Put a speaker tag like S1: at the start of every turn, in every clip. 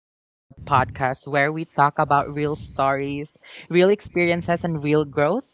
S1: to the podcast where we talk about real stories, real experiences, and real growth.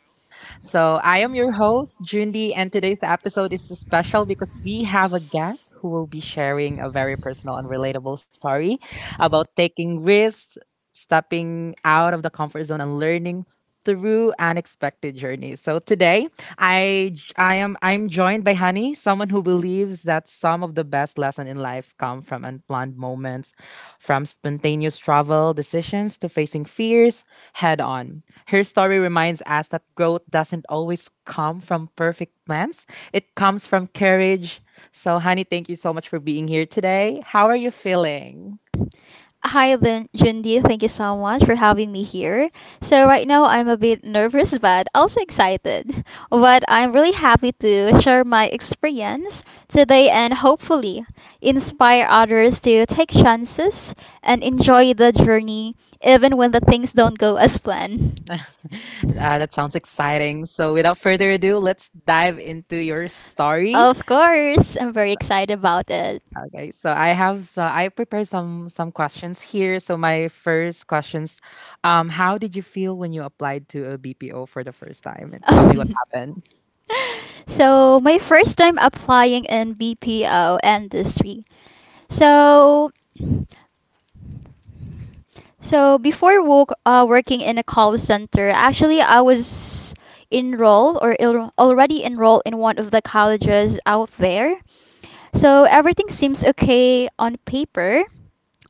S1: So I am your host, Jundi, and today's episode is special because we have a guest who will be sharing a very personal and relatable story about taking risks, stepping out of the comfort zone, and learning through unexpected journeys. So today, I j- I am I'm joined by Honey, someone who believes that some of the best lessons in life come from unplanned moments, from spontaneous travel decisions to facing fears head on. Her story reminds us that growth doesn't always come from perfect plans, it comes from courage. So, honey, thank you so much for being here today. How are you feeling?
S2: Hi, Jundi. Thank you so much for having me here. So, right now, I'm a bit nervous, but also excited. But I'm really happy to share my experience today and hopefully inspire others to take chances and enjoy the journey, even when the things don't go as planned.
S1: uh, that sounds exciting. So, without further ado, let's dive into your story.
S2: Of course, I'm very excited about it.
S1: Okay, so I have so I prepared some questions here. So my first questions, how did you feel when you applied to a BPO for the first time? And tell me what happened.
S2: So, my first time applying in BPO industry. So, so, before work, working in a call center, actually I was enrolled or already enrolled in one of the colleges out there. So everything seems okay on paper,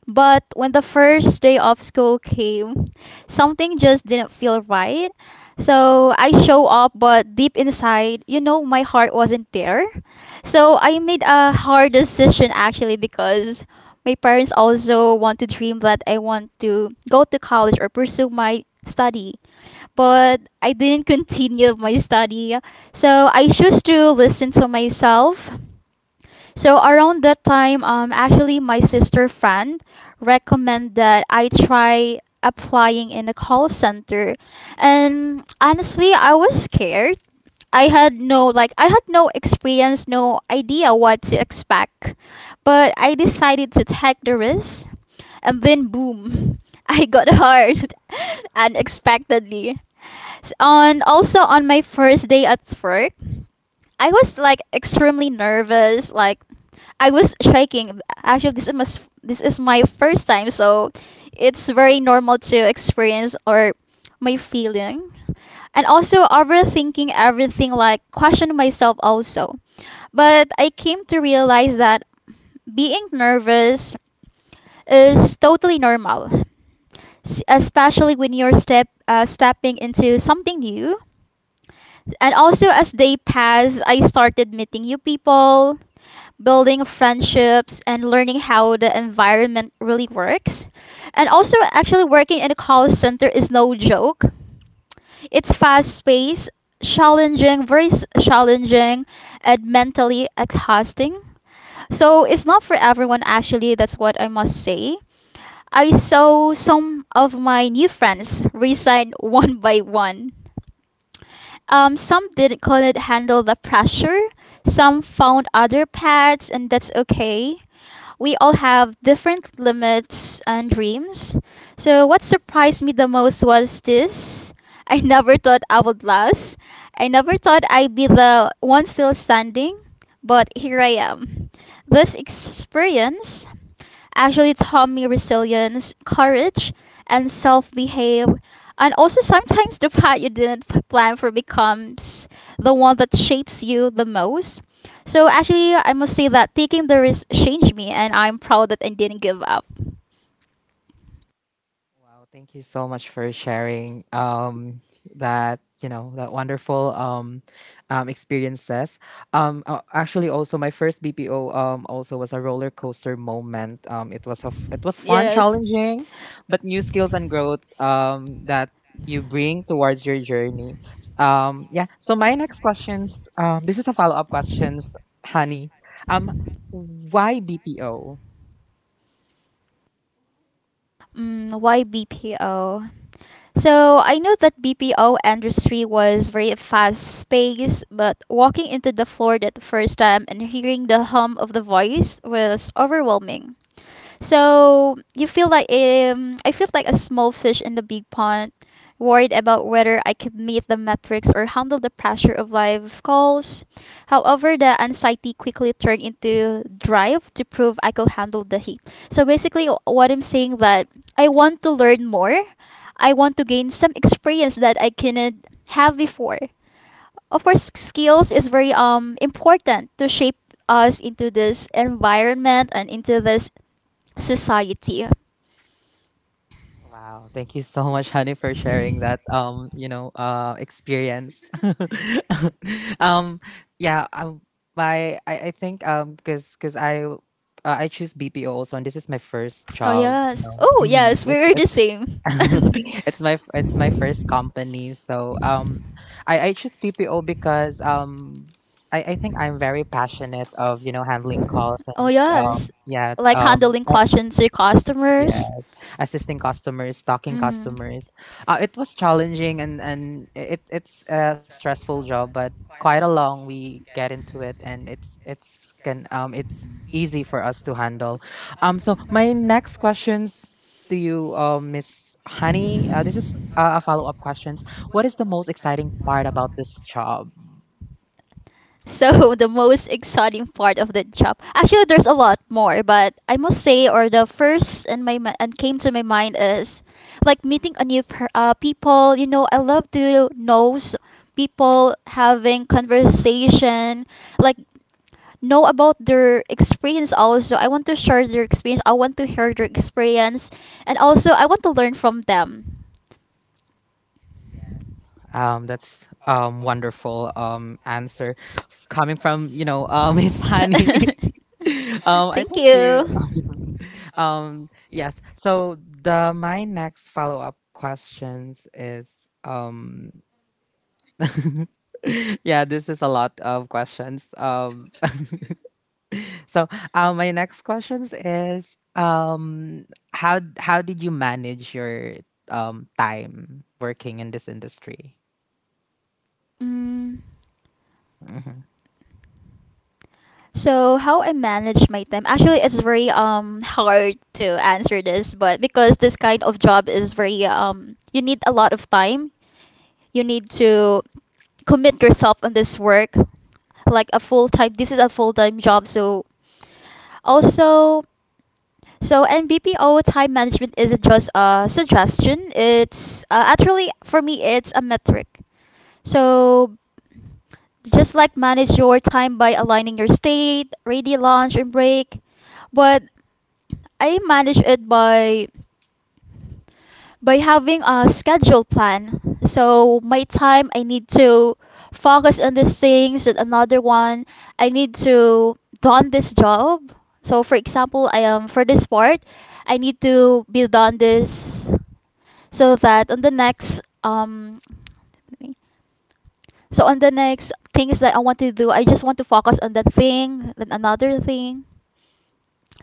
S2: but when the first day of school came, something just didn't feel right. So I show up, but deep inside, you know, my heart wasn't there. So I made a hard decision actually because my parents also want to dream that I want to go to college or pursue my study. But I didn't continue my study. So I chose to listen to myself so around that time, actually my sister friend recommend that I try applying in a call center, and honestly, I was scared. I had no experience, no idea what to expect, but I decided to take the risk, and then boom, I got hired unexpectedly. S- On also on my first day at work. I was like extremely nervous. Like I was shaking. Actually, this is my first time, so it's very normal to experience or my feeling. And also overthinking everything, like question myself also. But I came to realize that being nervous is totally normal, especially when you're stepping into something new, and also, as they pass, I started meeting new people, building friendships, and learning how the environment really works. And also, actually, working in a call center is no joke. It's fast paced, challenging, very challenging, and mentally exhausting. So, it's not for everyone, actually, that's what I must say. I saw some of my new friends resign one by one. Some did not couldn't handle the pressure. Some found other paths, and that's okay. We all have different limits and dreams. So, what surprised me the most was this: I never thought I would last. I never thought I'd be the one still standing, but here I am. This experience actually taught me resilience, courage, and self behave. And also, sometimes the path you didn't plan for becomes the one that shapes you the most. So, actually, I must say that taking the risk changed me, and I'm proud that I didn't give up.
S1: Wow, thank you so much for sharing that, you know, that wonderful experiences. Actually, also my first BPO also was a roller coaster moment. It was it was fun,
S2: Yes.
S1: challenging, but new skills and growth that you bring towards your journey. Yeah, so my next questions, this is a follow-up questions, honey. Um why BPO?
S2: Mm, why BPO? So I know that BPO industry was very fast paced, but walking into the floor that first time and hearing the hum of the voice was overwhelming. So you feel like I feel like a small fish in the big pond, worried about whether I could meet the metrics or handle the pressure of live calls. However, the anxiety quickly turned into drive to prove I could handle the heat. So basically, what I'm saying that I want to learn more. I want to gain some experience that I couldn't have before. Of course, skills is very important to shape us into this environment and into this society.
S1: Wow, thank you so much, honey, for sharing that, you know, experience. um yeah, my I think cuz cuz I choose BPO also, and this is my first
S2: Oh
S1: job, you
S2: yes. Oh
S1: know. Mhm.
S2: yes,
S1: It's
S2: we're the
S1: it's
S2: same.
S1: it's my first company. So, I choose BPO because I think I'm very passionate of, you know, handling calls
S2: Oh
S1: and
S2: yes.
S1: yeah,
S2: Like
S1: um.
S2: handling questions to customers.
S1: Yes, assisting customers, talking
S2: Mm.
S1: customers. It was challenging, and it's a stressful job, but quite a long we get into it, and it's can it's easy for us to handle. So my next questions to you, Miss Honey. This is, a follow up questions. What is the most exciting part about this job?
S2: So the most exciting part of the job. Actually, there's a lot more, but I must say, or the first and came to my mind is like meeting a new people. You know, I love to know people, having conversation, like know about their experience. Also, I want to share their experience. I want to hear their experience, and also I want to learn from them.
S1: Yes. That's wonderful answer coming from, you know, Miss Honey. I
S2: Thank
S1: think you. Yes. So the my next follow up questions is. Yeah, this is a lot of questions. So, my next questions is how did you manage your time working in this industry?
S2: you. Mm.
S1: Mm-hmm.
S2: So how I manage my time? Actually, it's very hard to answer this, but because this kind of job is very you need a lot of time, you need to commit yourself on this work like a full time, this is a full time job, so also, so NBPO time management isn't just a suggestion, it's actually for me it's a metric. So just like manage your time by aligning your state ready lunch and break, but I manage it by having a schedule plan. So my time I need to focus on these things and another one I need to done this job. So for example I am for this part I need to be done this so that on the next so on the next things that I want to do I just want to focus on that thing, then another thing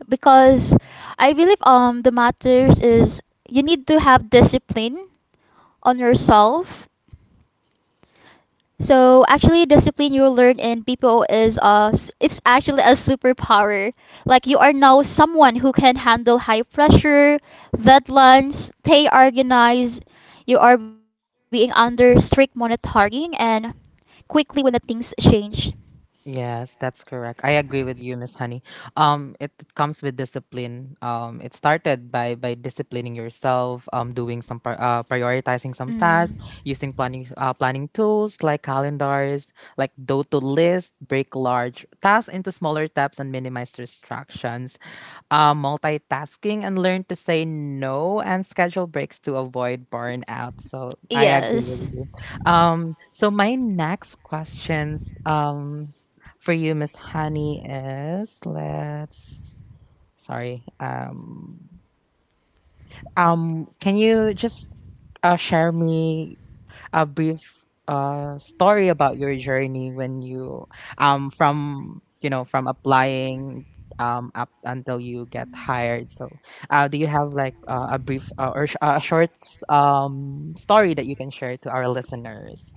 S2: because I believe the matters is you need to have discipline on yourself. So actually, discipline you learn in PPO is it's actually a superpower. Like you are now someone who can handle high pressure, deadlines, stay organized. You are being under strict monitoring and quickly when the things change.
S1: Yes, that's correct. I agree with you, Miss Honey. It comes with discipline. It started by disciplining yourself, doing some prioritizing some
S2: Mm.
S1: tasks, using planning tools like calendars, like do to list, break large tasks into smaller steps, and minimize distractions, multitasking, and learn to say no, and schedule breaks to avoid burnout. So I agree with
S2: Yes.
S1: you. So my next questions, for you, Miss Honey, is let's sorry. Can you just, share me a brief, story about your journey when you, from you know, from applying, up until you get hired, so, do you have like, a brief, or a short story that you can share to our listeners?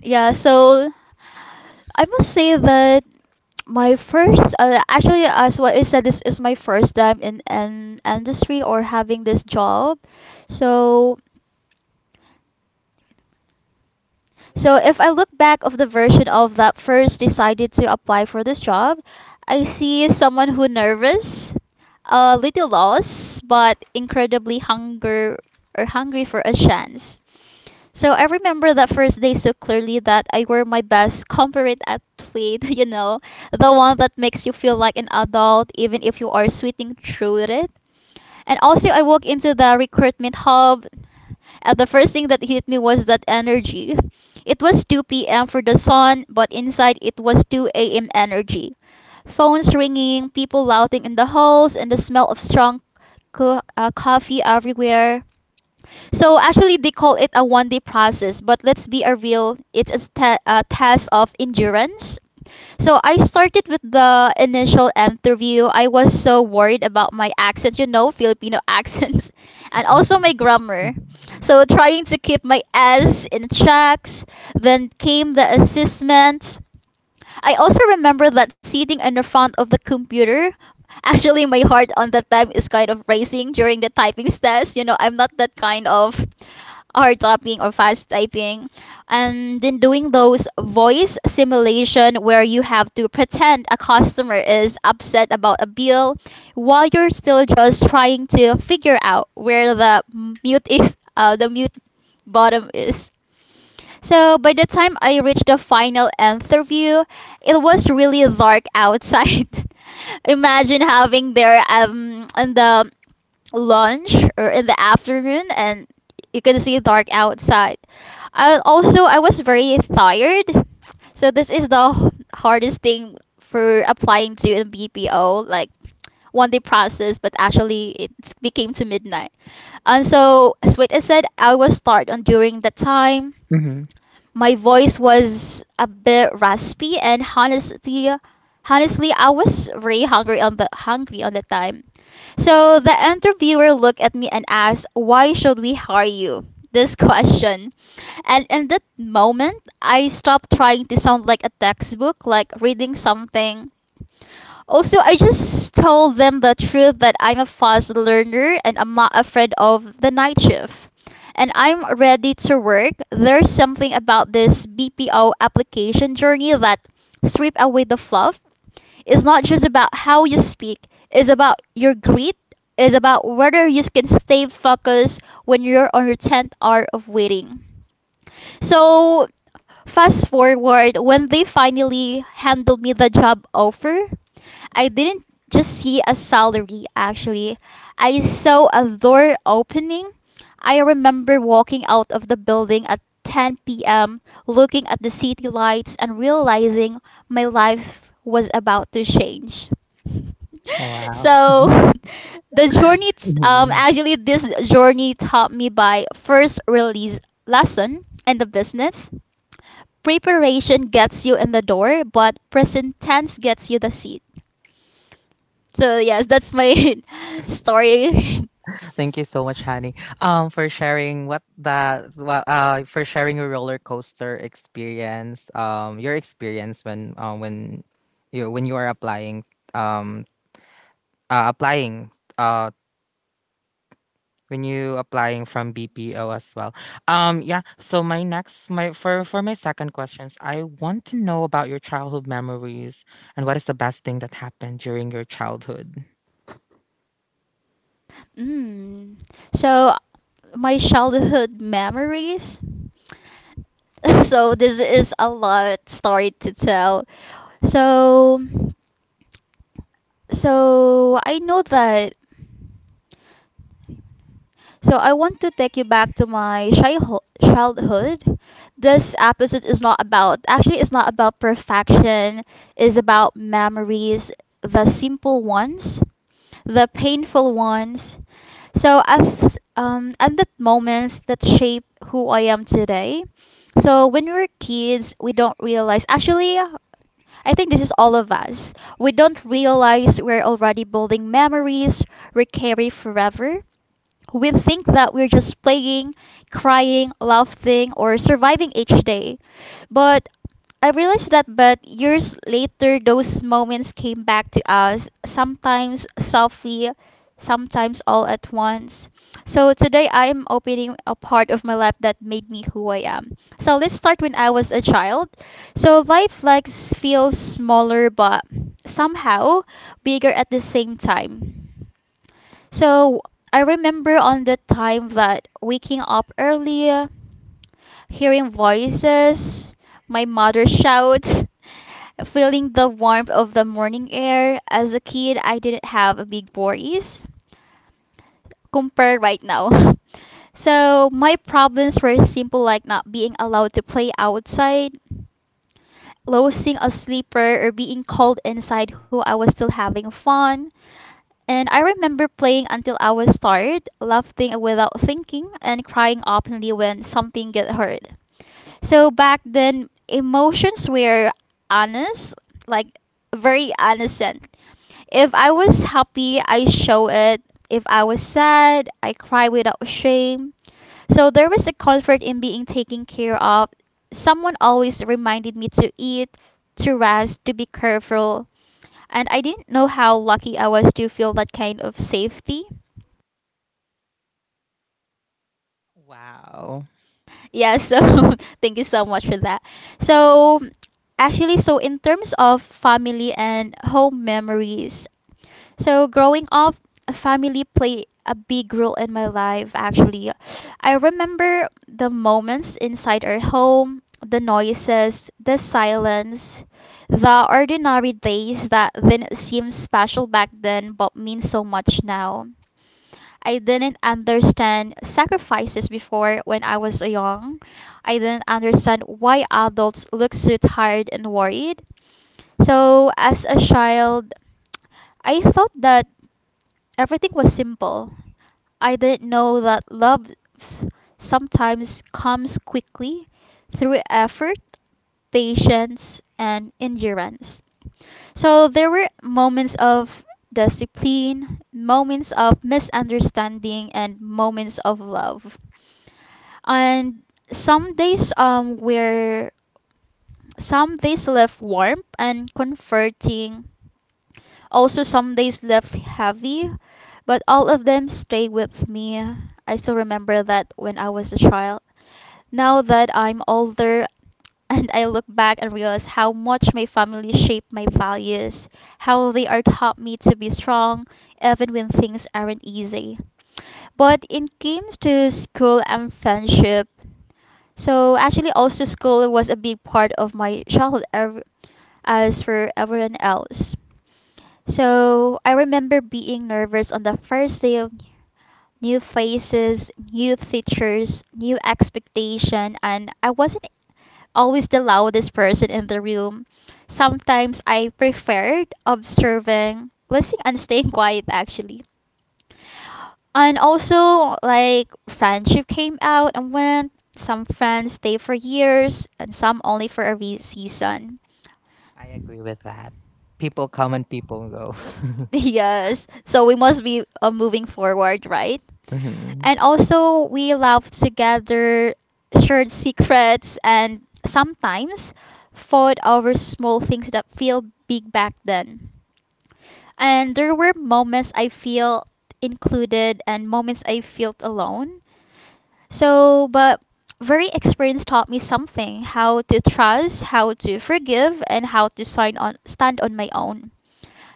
S2: Yeah, so I must say that my first actually as what I said this is my first time in an industry or having this job. So So if I look back of the version of that first decided to apply for this job, I see someone who nervous, a little lost, but incredibly hunger or hungry for a chance. So I remember that first day so clearly that I wore my best corporate outfit, you know, the one that makes you feel like an adult even if you are sweating through it. And also, I walked into the recruitment hub, and the first thing that hit me was that energy. It was 2 p.m. for the sun, but inside it was 2 a.m. energy. Phones ringing, people louting in the halls, and the smell of strong coffee everywhere. So actually, they call it a one day process, but let's be a real, it's a test of endurance. So I started with the initial interview. I was so worried about my accent, you know, Filipino accents, and also my grammar. So trying to keep my S in checks. Then came the assessment. I also remember that sitting in the front of the computer. Actually, my heart on that time is kind of racing during the typing test. You know, I'm not that kind of hard typing or fast typing. And then doing those voice simulation where you have to pretend a customer is upset about a bill while you're still just trying to figure out where the the mute bottom is. So by the time I reached the final interview, it was really dark outside. Imagine having there in the lunch or in the afternoon and you can see dark outside. I was very tired. So this is the hardest thing for applying to a BPO like one day process but actually it became to midnight. And so as what I said I was tired on during that time
S1: Mm-hmm.
S2: my voice was a bit raspy, and honestly, I was very hungry on the time. So the interviewer looked at me and asked, "Why should we hire you?" This question, and in that moment, I stopped trying to sound like a textbook, like reading something also, I just told them the truth that I'm a fast learner and I'm not afraid of the night shift. And I'm ready to work. There's something about this BPO application journey that strip away the fluff. It's not just about how you speak, it's about your grit, it's about whether you can stay focused when you're on your 10th hour of waiting. So, fast forward when they finally handed me the job offer, I didn't just see a salary, actually. I saw a door opening. I remember walking out of the building at 10 p.m., looking at the city lights, and realizing my life was about to change.
S1: Wow.
S2: So, the journey,
S1: Mm-hmm.
S2: actually, this journey taught me by first release lesson in the business preparation gets you in the door, but present tense gets you the seat. So yes, that's my story.
S1: Thank you so much, Honey, for sharing for sharing your roller coaster experience, your experience when, when you, when you are applying, um applying, uh when you applying from BPO as well. Yeah. So my next my for my second questions, I want to know about your childhood memories and what is the best thing that happened during your childhood.
S2: Mm. So my childhood memories. So this is a lot story to tell. So so I know that so I want to take you back to my childhood. This episode is not about, actually, it's not about perfection. It's about memories, the simple ones, the painful ones. So at and that moments that shape who I am today. So when we're kids, we don't realize. Actually, I think this is all of us. We don't realize we're already building memories we carry forever. We think that we're just playing, crying, laughing, or surviving each day. But I realized that but years later, those moments came back to us, sometimes softly, sometimes all at once. So today I am opening a part of my life that made me who I am. So let's start when I was a child. So life like feels smaller but somehow bigger at the same time. So I remember on the time that waking up early, hearing voices, my mother shouts, feeling the warmth of the morning air. As a kid, I didn't have a big voice compared right now. So my problems were simple, like not being allowed to play outside, losing a sleeper, or being cold inside who I was still having fun. And I remember playing until I was tired, laughing without thinking, and crying openly when something get hurt. So back then, emotions were honest, like very innocent. If I was happy, I show it. If I was sad, I cry without shame. So there was a comfort in being taken care of. Someone always reminded me to eat, to rest, to be careful, and I didn't know how lucky I was to feel that kind of safety.
S1: Wow.
S2: Yeah, so thank you so much for that. So, actually, so in terms of family and home memories, so growing up, family played a big role in my life, actually. I remember the moments inside our home, the noises, the silence, the ordinary days that didn't seem special back then but mean so much now. I didn't understand sacrifices before when I was young. I didn't understand why adults look so tired and worried. So, as a child, I thought that everything was simple. I didn't know that love s- sometimes comes quickly through effort, patience, and endurance. So there were moments of discipline, moments of misunderstanding, and moments of love. And some days um were some days left warm and comforting. Also, some days left heavy, but all of them stay with me. I still remember that when I was a child, now that I'm older, and I look back and realize how much my family shaped my values, how they are taught me to be strong even when things aren't easy. But in games to school and friendship, so actually, also school was a big part of my childhood, as for everyone else. So I remember being nervous on the first day of new faces, new teachers, new expectation, and I wasn't always the loudest person in the room. Sometimes I preferred observing, listening, and staying quiet actually. And also, like, friendship came out and went. Some friends stay for years, and some only for a wee season.
S1: I agree with that. People come and people go.
S2: Yes, so we must be moving forward, right?
S1: Mhm.
S2: And also, we laughed together, shared secrets, and sometimes fought over small things that feel big back then. And there were moments I felt included and moments I felt alone. So, but very experience taught me something: how to trust, how to forgive, and how to sign on, stand on my own.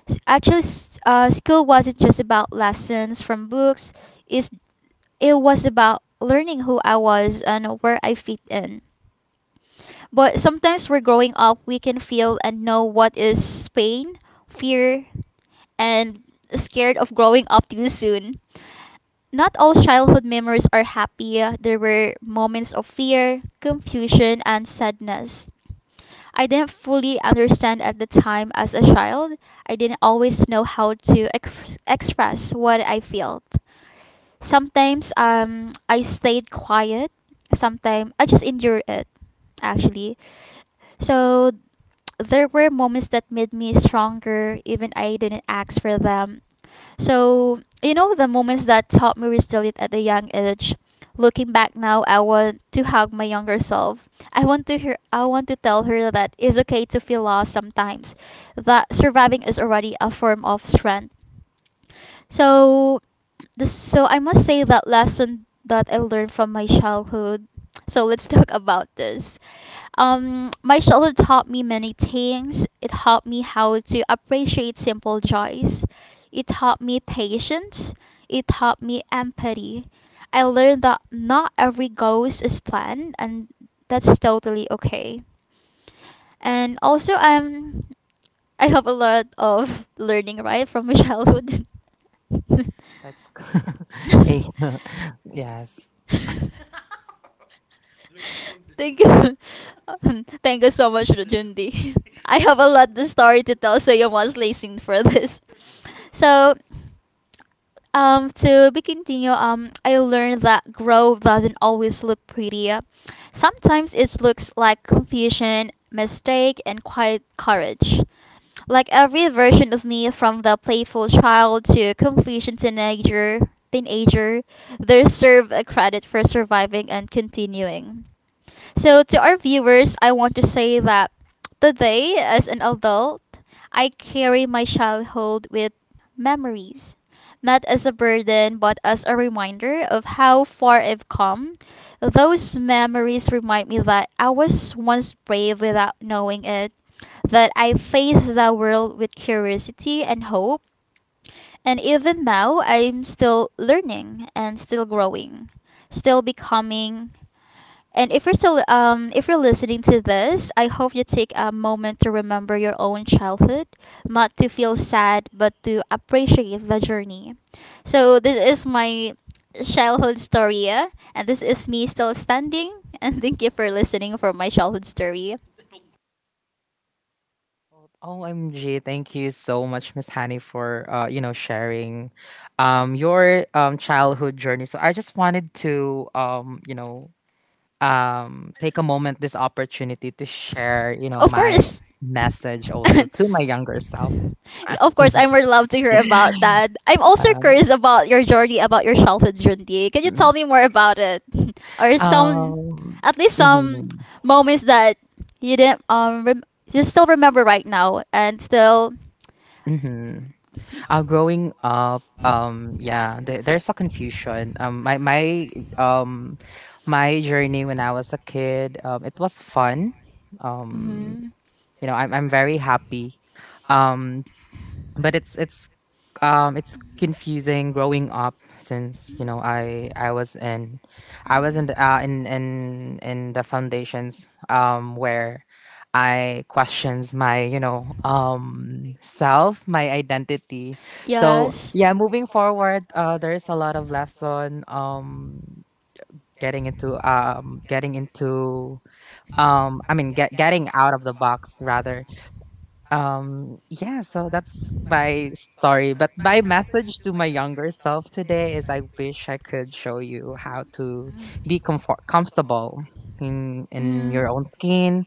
S2: Actually, skill wasn't just about lessons from books. Is it was about learning who I was and where I fit in. But sometimes we're growing up, we can feel and know what is pain, fear, and scared of growing up too soon. Not all childhood memories are happy. There were moments of fear, confusion, and sadness. I didn't fully understand at the time as a child. I didn't always know how to express what I felt. Sometimes I stayed quiet. Sometimes I just endured it, actually. So there were moments that made me stronger, even I didn't ask for them. So, you know, the moments that taught me resilience at a young age. Looking back now, I want to hug my younger self. I want to tell her that it's okay to feel lost sometimes. That surviving is already a form of strength. So, this, so I must say that lesson that I learned from my childhood. So let's talk about this. My childhood taught me many things. It taught me how to appreciate simple joys. It taught me patience. It taught me empathy. I learned that not every goes is planned, and that's totally okay. And also, I'm. I have a lot of learning right from my childhood.
S1: That's Eh, yes.
S2: Thank you. Thank you so much, Rajundi. I have a lot of story to tell, so you must listen for this. So, to be continue, I learned that growth doesn't always look pretty. Sometimes it looks like confusion, mistake, and quiet courage. Like every version of me, from the playful child to confusion teenager, they serve a credit for surviving and continuing. So, to our viewers, I want to say that today, as an adult, I carry my childhood with memories, not as a burden, but as a reminder of how far I've come. Those memories remind me that I was once brave without knowing it, that I faced the world with curiosity and hope, and even now, I'm still learning and still growing, still becoming. And if you're still, if you're listening to this, I hope you take a moment to remember your own childhood, not to feel sad, but to appreciate the journey. So this is my childhood story, yeah? And this is me still standing. And thank you for listening for my childhood story.
S1: OMG, thank you so much, Miss Honey, for, you know, sharing your childhood journey. So I just wanted to, you know, take a moment, this opportunity to share, you know,
S2: Of
S1: my
S2: course.
S1: message also to my younger self.
S2: Of course, I'm more love to hear about that. I'm also curious about your journey, about your childhood journey. Can you
S1: Um,
S2: tell me more about it, or some,
S1: um
S2: at least some
S1: mhm,
S2: moments that you didn't rem- you still remember right now and still.
S1: mhm. Growing up, yeah, there's a confusion. Um, my journey when I was a kid, it was fun. Um,
S2: Hmm.
S1: you know, I'm very happy. Um, but it's confusing growing up, since, you know, I was in, I was in the, in the foundations, where I questions my, you know, self, my identity. So
S2: Yes.
S1: yeah, moving forward, there's a lot of lesson, getting into, getting out of the box rather. Um, yeah, so that's my story. But my message to my younger self today is: I wish I could show you how to be comfortable in your
S2: Mm.
S1: own skin,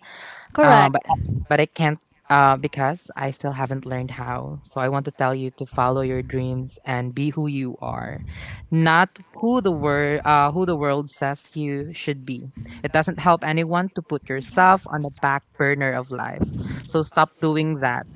S2: Correct.
S1: but I can't, because I still haven't learned how. So I want to tell you to follow your dreams and be who you are, not who the world, who the world says you should be. It doesn't help anyone to put yourself on the back burner of life. So stop doing that.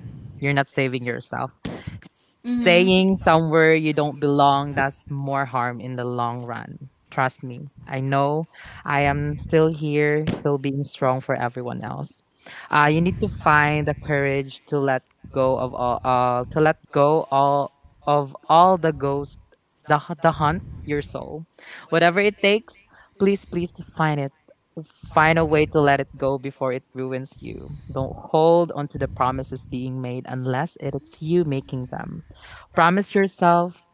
S1: You're not saving yourself. S- staying
S2: Mm-hmm.
S1: somewhere you don't belong does more harm in the long run. Trust me. I know I am still here, still being strong for everyone else. You need to find the courage to let go of all to let go all of all the ghost the hunt your soul, whatever it takes. Please, please find it. Find a way to let it go before it ruins you. Don't hold onto the promises being made unless it is you making them. Promise yourself.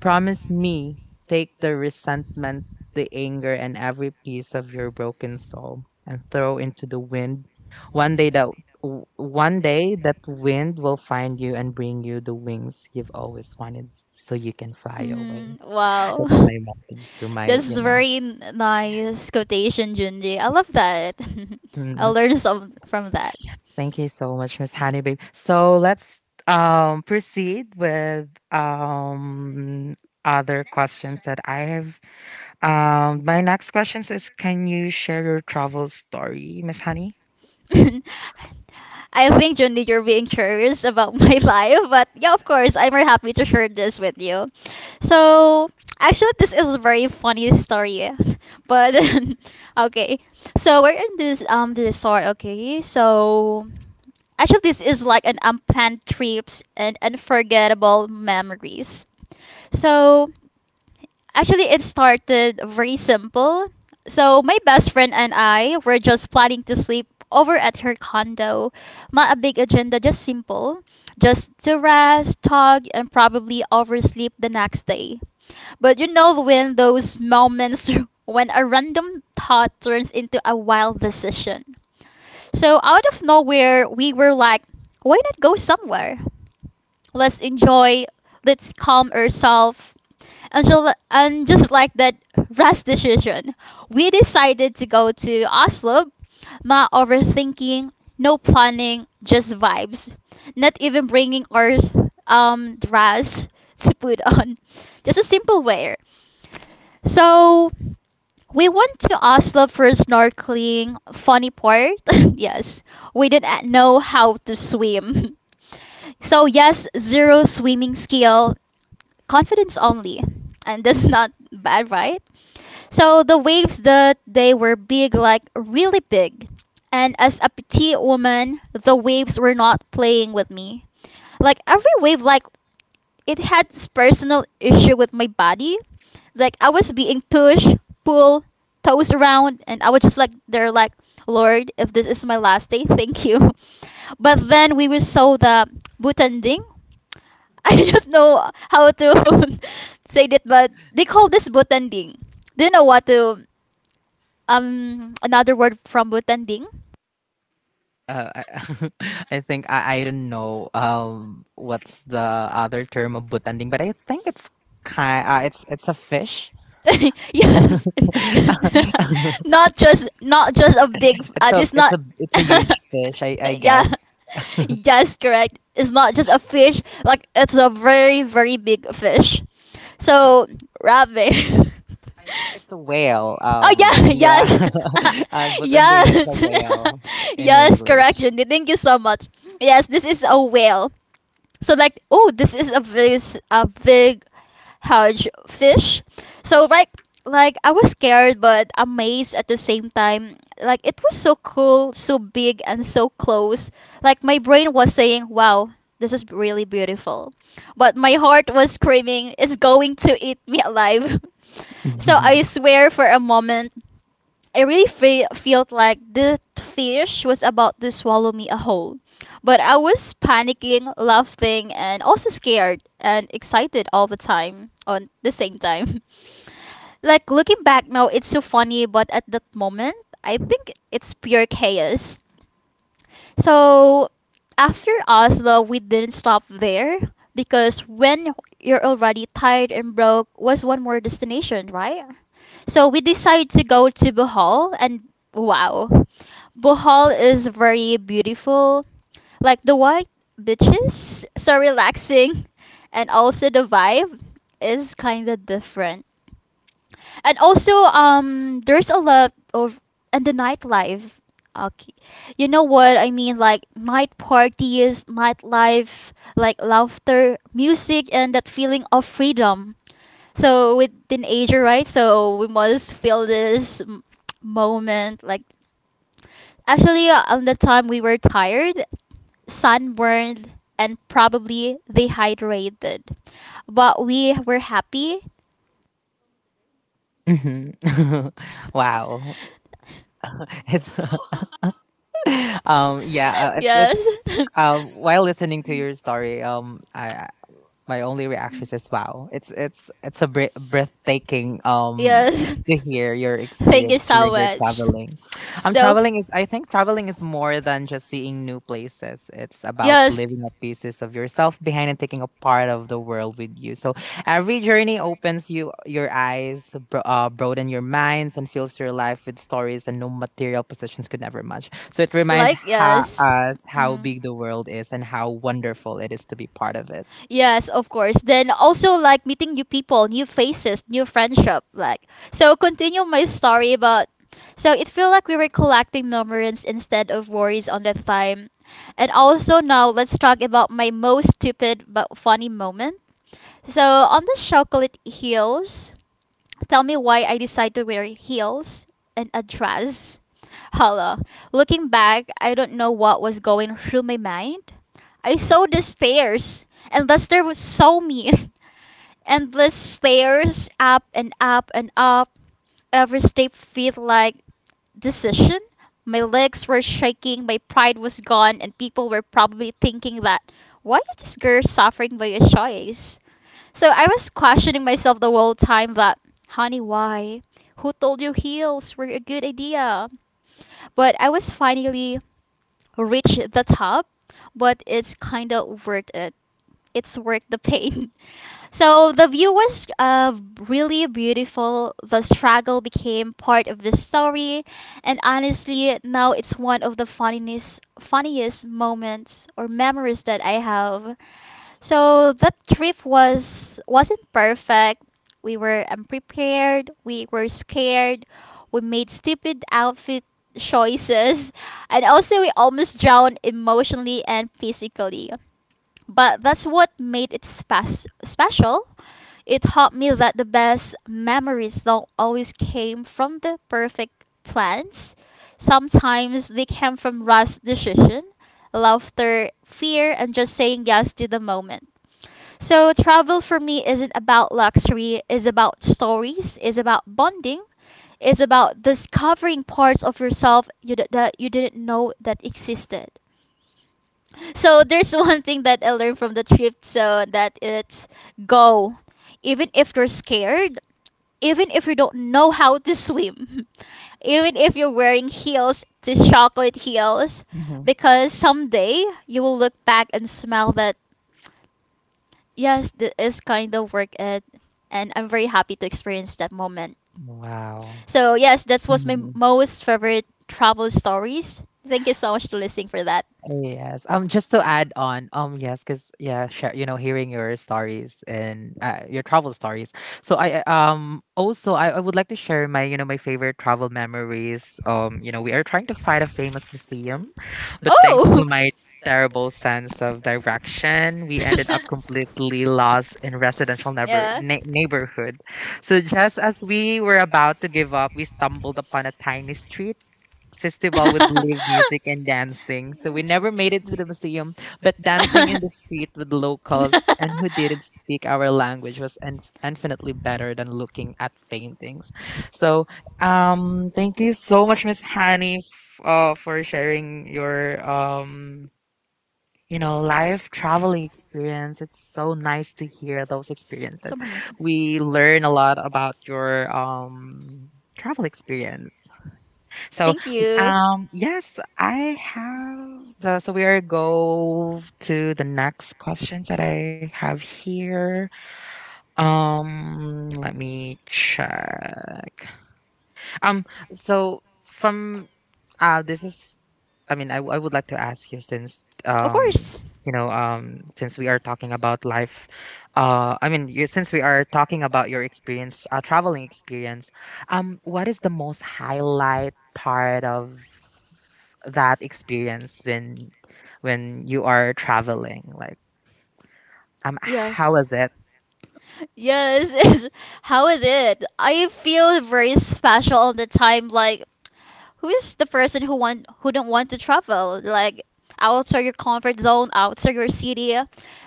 S1: Promise me, take the resentment, the anger, and every piece of your broken soul and throw into the wind. One day that one day that wind will find you and bring you the wings you've always wanted so you can fly away.
S2: Hmm. Wow.
S1: That's
S2: Remember.
S1: my message to my,
S2: That's
S1: you know.
S2: very nice quotation, Junji. I love that.
S1: Mm.
S2: I'll learn some from that.
S1: Thank you so much, Miss Honey Babe. So let's proceed with other questions that I have. My next question is: can you share your travel story, Miss Honey?
S2: I think, Jundi, you're being curious about my life, but yeah, of course, I'm very happy to share this with you. So, actually, this is a very funny story, but okay. So we're in this story, okay? So actually, this is like an unplanned trips and unforgettable memories. So actually, it started very simple. So, my best friend and I were just planning to sleep over at her condo. Not a big agenda, just simple. Just to rest, talk, and probably oversleep the next day. But you know when those moments when a random thought turns into a wild decision. So, out of nowhere, we were like, why not go somewhere? Let's enjoy, let's calm ourselves. And, so, and just like that rash decision, we decided to go to Oslo. No overthinking, no planning, just vibes. Not even bringing our dress to put on. Just a simple wear. So we went to Oslo for snorkeling. Funny part, yes, we didn't know how to swim. So yes, zero swimming skill, confidence only. And that's not bad, right? So the waves that they were big, like really big. And as a petite woman, the waves were not playing with me. Like every wave like it had this personal issue with my body. Like I was being pushed, pulled, tossed around, and I was just like, they're like, Lord, if this is my last day, thank you. But then we will saw the butanding. I don't know how to say that, but they call this butanding. Do you know what to another word from butanding?
S1: Uh, I, I think I don't know what's the other term of butanding, but I think it's kind it's a fish.
S2: Yes. Not just a big
S1: It's a
S2: it's
S1: it's
S2: not.
S1: a it's a huge fish, I
S2: Yeah,
S1: guess.
S2: yes, correct, it's not just a fish, like it's a very big fish, so rabbit.
S1: I think it's a whale.
S2: Oh yeah, yes.
S1: Yeah, butanding. It's a
S2: Yes.
S1: whale, in
S2: Yes, correct,
S1: English.
S2: Jundi, thank you so much. Yes, this is a whale. So like, oh, this is a very a big huge fish. So like I was scared but amazed at the same time. Like it was so cool, so big and so close. Like my brain was saying, "Wow, this is really beautiful." But my heart was screaming, "It's going to eat me alive." So I swear for a moment I really felt like the fish was about to swallow me whole. But I was panicking, laughing, and also scared and excited all the time, on the same time. Like looking back now, it's so funny, but at that moment, I think it's pure chaos. So after Oslo, we didn't stop there because when you're already tired and broke was one more destination, right? So we decided to go to Bohol and wow. Bohol is very beautiful. Like the white beaches, so relaxing, and also the vibe is kind of different. And also, there's a lot of and the nightlife. Okay, you know what I mean, like night parties, nightlife, like laughter, music, and that feeling of freedom. So with teenager, right? So we must feel this moment. Like on the time we were tired, sunburned, and probably dehydrated, but we were happy.
S1: Mhm. Wow, it's yeah, it's
S2: Yes.
S1: um, while listening to your story, I, my only reaction is wow. It's a breathtaking
S2: Yes.
S1: to hear your
S2: Thank you
S1: experience
S2: so
S1: during your
S2: much.
S1: traveling. Um,
S2: So,
S1: traveling is, I think traveling is more than just seeing new places. It's about
S2: yes,
S1: living a pieces of yourself behind and taking a part of the world with you. So every journey opens you your eyes, broaden your minds and fills your life with stories and no material possessions could never match. So it reminds
S2: like yes.
S1: us how
S2: Mm.
S1: big the world is and how wonderful it is to be part of it.
S2: Yes, of course. Then also like meeting new people, new faces, new friendship. Like so, continue my story about. So it feel like we were collecting memories instead of worries on that time. And also now let's talk about my most stupid but funny moment. So on the chocolate hills, tell me why I decided to wear heels and a dress. Hello. Looking back, I don't know what was going through my mind. I saw the stairs, and Lester was so mean. Endless stairs up and up and up. Every step felt like decision. My legs were shaking, my pride was gone, and people were probably thinking that why is this girl suffering by a choice? So I was questioning myself the whole time that, honey, why? Who told you heels were a good idea? But I was finally reached the top, but it's kind of worth it. It's worth the pain. So the view was really beautiful. The struggle became part of the story, and honestly, now it's one of the funniest moments or memories that I have. So that trip wasn't perfect. We were unprepared, we were scared, we made stupid outfit choices, and also we almost drowned emotionally and physically. But that's what made it special. It taught me that the best memories don't always came from the perfect plans. Sometimes they came from rash decision, laughter, fear, and just saying yes to the moment. So travel for me isn't about luxury, it's about stories, it's about bonding, it's about discovering parts of yourself that you didn't know that existed. So there's one thing that I learned from the trip so that it's go. Even if you're scared, even if you don't know how to swim, even if you're wearing heels to chocolate heels
S1: Mhm.
S2: because someday you will look back and smell that yes, that is kind of work it, and I'm very happy to experience that moment.
S1: Wow.
S2: So yes, that was my
S1: Mhm.
S2: most favorite travel stories. Thank you so much to listening for that.
S1: Yes. Just to add on, yes, because yeah, share, you know, hearing your stories and, your travel stories. So also I would like to share my, you know, my favorite travel memories. You know, we are trying to find a famous museum, but thanks
S2: Oh.
S1: to my terrible sense of direction, we ended up completely lost in residential
S2: Yeah.
S1: neighborhood. So just as we were about to give up, we stumbled upon a tiny street festival with live music and dancing. So we never made it to the museum, but dancing in the street with locals and who didn't speak our language was infinitely better than looking at paintings. So thank you so much, Miss Hani, for sharing your. You know, life traveling experience. It's so nice to hear those experiences.
S2: Sampumason.
S1: We learn a lot about your travel experience. So,
S2: Thank you.
S1: yes, I have the. So we are go to the next questions that I have here. Let me check. Um, so from this is. I mean, I would like to ask you since,
S2: Of course.
S1: you know, since we are talking about life, I mean, you, since we are talking about your experience, traveling experience, what is the most highlight part of that experience when you are traveling? Like,
S2: Yes.
S1: how was it?
S2: Yes. Yes. How is it? I feel very special all the time. Like, who's the person who don't want to travel? Like, outside your comfort zone, outside your city.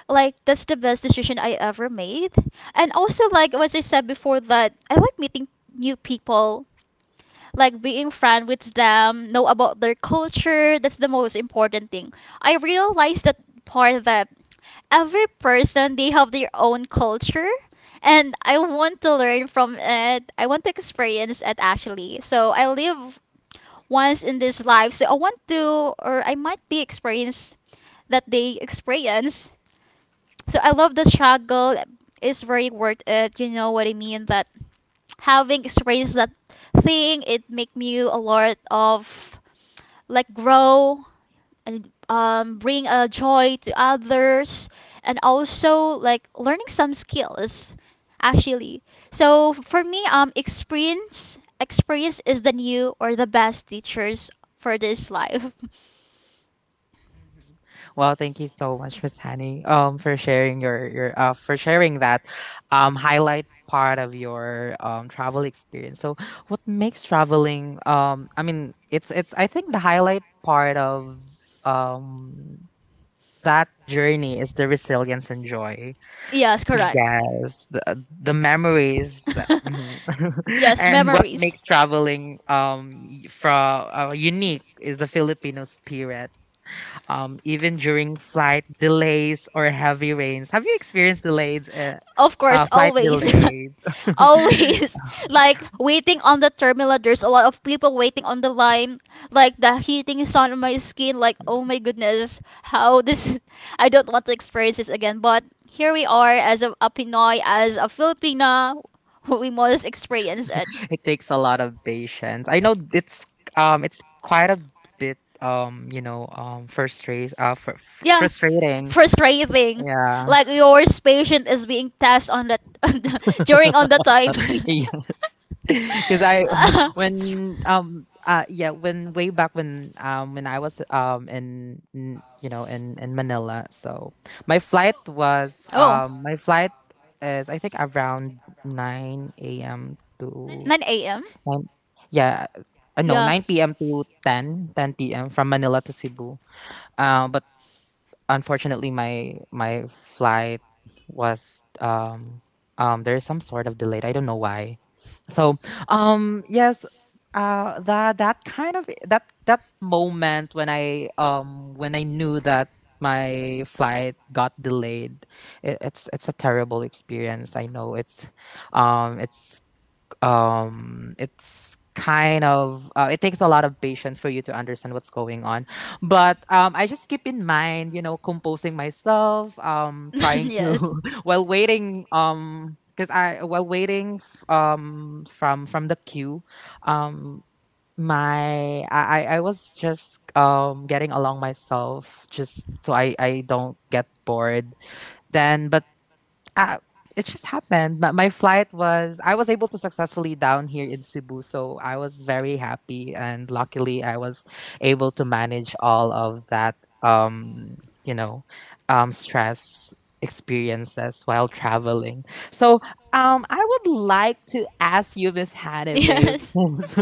S2: Like, that's the best decision I ever made. And also, like what I said before, that I like meeting new people like being friend with them, know about their culture. That's the most important thing. I realized that part that every person they have their own culture and I want to learn from it. I want to experience it actually. So I live once in this life, so I want to or I might be experience that they experience. So I love the struggle. It's very worth it. You know what I mean? That having experienced that thing, it make me a lot of like grow and bring a joy to others and also like learning some skills actually. So for me, experience is the new or the best teachers for this life.
S1: Mhm. Well, thank you so much, Miss Honey, for sharing your for sharing that, highlight part of your travel experience. So, what makes traveling I mean, it's I think the highlight part of um that journey is the resilience and joy.
S2: Yes, correct.
S1: Yes, the memories that, mhm.
S2: Yes,
S1: And what
S2: memories.
S1: makes traveling from unique is the Filipino spirit. Even during flight delays or heavy rains, have you experienced delays?
S2: Of course,
S1: Flight
S2: always.
S1: delays.
S2: Always. Like waiting on the terminal. There's a lot of people waiting on the line. Like the heating is on my skin. Like oh my goodness, how this? I don't want to experience this again. But here we are as a Pinoy, as a Filipina, we must experience it.
S1: It takes a lot of patience. I know it's quite a bit
S2: Yeah,
S1: frustrating.
S2: frustrating.
S1: Yeah.
S2: Like your patient is being tested on that on the- during on the time.
S1: Because I when yeah when way back when I was in you know in Manila, so my flight
S2: Oh.
S1: was my flight is I think around 9 a.m. to
S2: 9 a.m.
S1: 9, yeah, no
S2: Yeah.
S1: 9 p.m. to ten p.m. from Manila to Cebu. um Unfortunately, my flight was there's some sort of delay. I don't know why. So, yes, that that kind of that that moment when I knew that my flight got delayed, it's a terrible experience. I know um it's it's kind of, it takes a lot of patience for you to understand what's going on, but I just keep in mind, composing myself, trying
S2: Yes.
S1: to while waiting, because I while waiting f- from the queue. Um my I was just getting along myself just so I don't get bored. Then, but uh, it just happened. My flight was, I was able to successfully down here in Cebu. So I was very happy. And luckily, I was able to manage all of that, um, you know, stress experiences while traveling. So, I would like to ask you, Miss Hannah, babe,
S2: Yes.
S1: since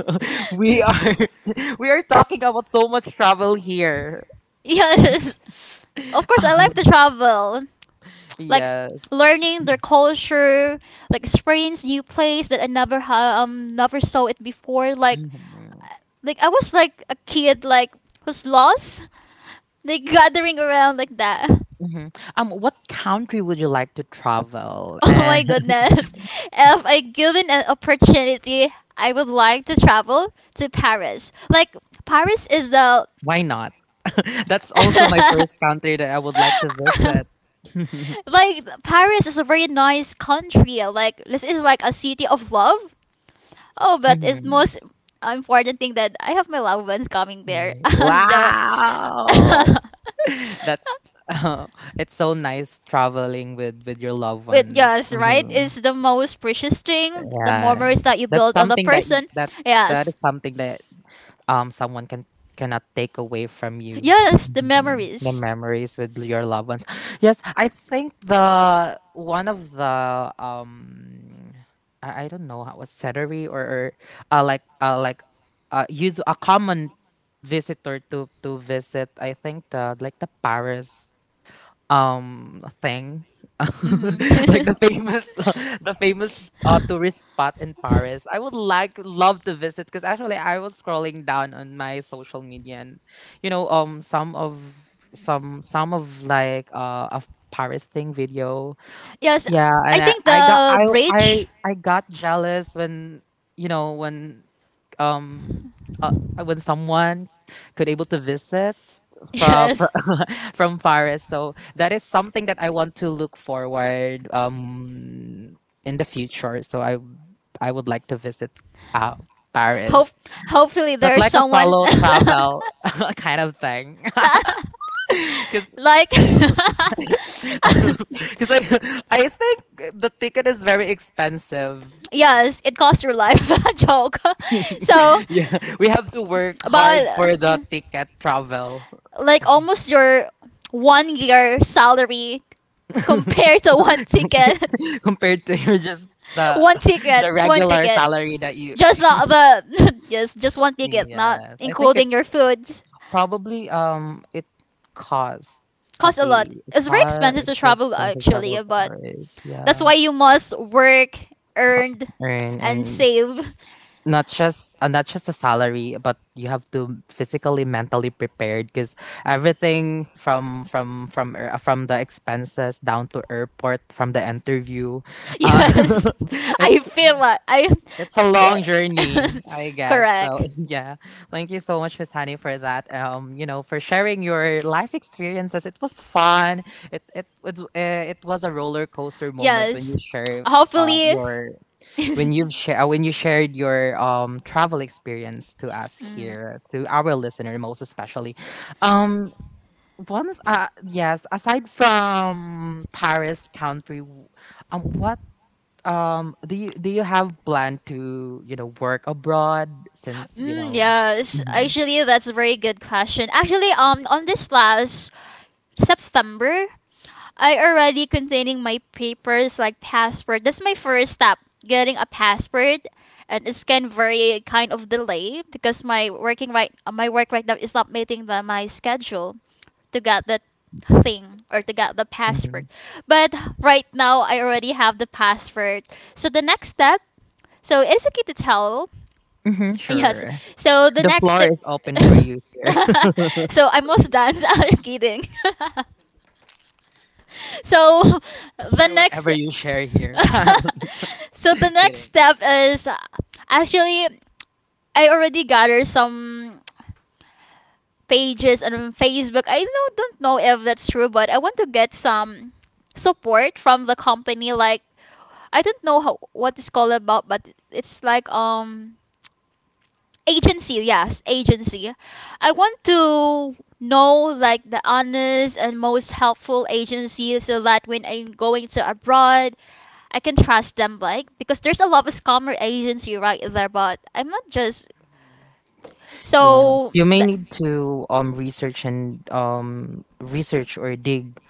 S1: we are, we are talking about so much travel here.
S2: Yes. Of course, I like to travel. Like
S1: Yes.
S2: learning their culture, like experience new place that I never ha never saw it before. Like
S1: Mm-hmm.
S2: Like I was like a kid like who's lost, like gathering around like that.
S1: Hmm. What country would you like to travel,
S2: Oh
S1: and
S2: my goodness. If I given an opportunity, I would like to travel to Paris. Like Paris is the
S1: why not? That's also my first country that I would like to visit.
S2: like Paris is a very nice country. Like this is like a city of love. Oh, but it's
S1: Mhm.
S2: most important thing that I have my loved ones coming there.
S1: Mm.
S2: Yeah.
S1: Wow, that's it's so nice traveling with your loved
S2: With
S1: ones.
S2: yes, right?
S1: Mhm.
S2: It's the most precious thing, the memories
S1: Yes,
S2: that you
S1: that's
S2: build on the
S1: something that you,
S2: person.
S1: that that is
S2: Yes.
S1: something that someone can cannot take away from you.
S2: Yes, the
S1: Mhm. The
S2: memories.
S1: memories with your loved ones. Yes, I think the one of the I don't know how was celery, or uh like uh like use a common visitor to visit, I think the like the Paris thing.
S2: Hmm.
S1: Like the famous, the famous tourist spot in Paris. I would like love to visit, because actually I was scrolling down on my social media, and some of some of Paris thing video.
S2: Yes,
S1: Yeah, and
S2: I think the
S1: i
S2: bridge.
S1: I got jealous when you know when um uh, when someone could able to visit from
S2: Yes.
S1: from Paris. So that is something that I want to look forward, in the future. So, I would like to visit, uh,
S2: Hope
S1: Paris,
S2: hopefully
S1: but
S2: there's
S1: like a
S2: someone.
S1: solo travel kind of thing. Because,
S2: Like.
S1: because I, I think the ticket is very expensive.
S2: Yes, it costs your life. Joke. So,
S1: Yeah, we have to work hard
S2: but
S1: for the ticket travel,
S2: like almost your 1 year salary compared to one ticket.
S1: compared to your, just the
S2: One
S1: regular
S2: ticket.
S1: salary that you.
S2: Just not the yes, just one ticket, not
S1: Yes, I think
S2: including your foods.
S1: probably it cost,
S2: Costs a
S1: a
S2: lot.
S1: it
S2: It's very expensive to
S1: cost
S2: travel
S1: expensive
S2: actually,
S1: travel
S2: but
S1: Paris. Yeah.
S2: that's why you must work,
S1: co-
S2: earn,
S1: Earn
S2: and
S1: and,
S2: save.
S1: not just a salary, but you have to physically, mentally prepared, because everything from the expenses down to airport, from the interview, uh,
S2: Yes, I
S1: it's.
S2: feel like I.
S1: It's a
S2: Yeah,
S1: long journey, I guess. So
S2: correct.
S1: yeah, thank you so much, Miss Honey, for that. For sharing your life experiences. It was fun. It it it, uh, it was a roller coaster moment when
S2: Yes,
S1: you share
S2: hopefully.
S1: your when you've share when you shared your travel experience to us
S2: Mm,
S1: here, to our listener most especially. Um. One, yes. Aside from Paris country, what do you, have plan to, work abroad, since you
S2: mm,
S1: know.
S2: yes,
S1: Hmm.
S2: actually, that's a very good question. On this last September, I already containing my papers like passport. That's my first step, getting a passport, and it's kind very kind of delay because my working right, my work right now is not meeting the, my schedule. To get that thing or to get the
S1: Hmm.
S2: password. But right now, I already have the password. So the next step, so Izuki to tell.
S1: Hmm.
S2: Yes.
S1: Sure,
S2: So the
S1: the
S2: next
S1: floor
S2: step.
S1: is open for you here
S2: So I'm almost done. I'm kidding. So
S1: to
S2: the
S1: share
S2: next.
S1: whatever you share here.
S2: So the next
S1: Kidding.
S2: step is actually I already gathered some pages on Facebook. I know, don't know if that's true, but I want to get some support from the company. Like I don't know how what it's called about, but it's like agency. Yes, agency. I want to know like the honest and most helpful agency so that when I'm going to abroad I can trust them like because there's a lot of scammer agency right there but I'm not just
S1: Yes,
S2: so
S1: you may need to research, and research or dig,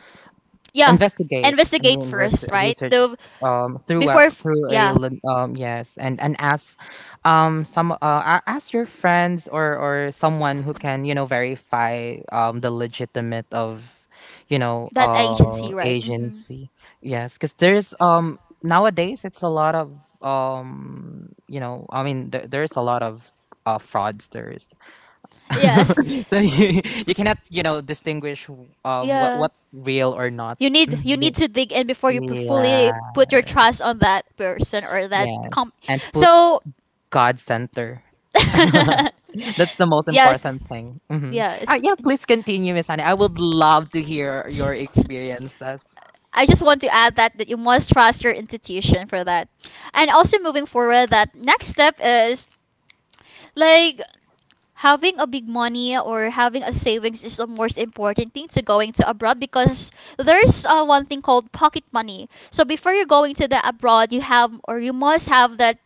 S2: yeah,
S1: investigate, and
S2: investigate
S1: then
S2: first, right?
S1: research
S2: So
S1: through a,
S2: yeah,
S1: yes, and ask ask your friends or someone who can verify the legitimate of, you know
S2: that
S1: uh
S2: agency, right? Hmm.
S1: agency. Yes, because there's nowadays, it's a lot of, I mean, there's a lot of fraudsters.
S2: Yes,
S1: So, you cannot, distinguish what
S2: yeah.
S1: what's real or not.
S2: You need
S1: Mhm.
S2: you need to dig in before you fully
S1: Yeah.
S2: put your trust on that person or that
S1: Yes.
S2: comp.
S1: And put
S2: So
S1: God center. That's the most
S2: yes.
S1: important thing. Mm-hmm.
S2: Yes.
S1: Yeah, please continue, Miss Annie. I would love to hear your experiences.
S2: I just want to add that you must trust your institution for that. And also moving forward that next step is like having a big money or having a savings is the most important thing to going to abroad because there's one thing called pocket money. So before you're going to the abroad you have or you must have that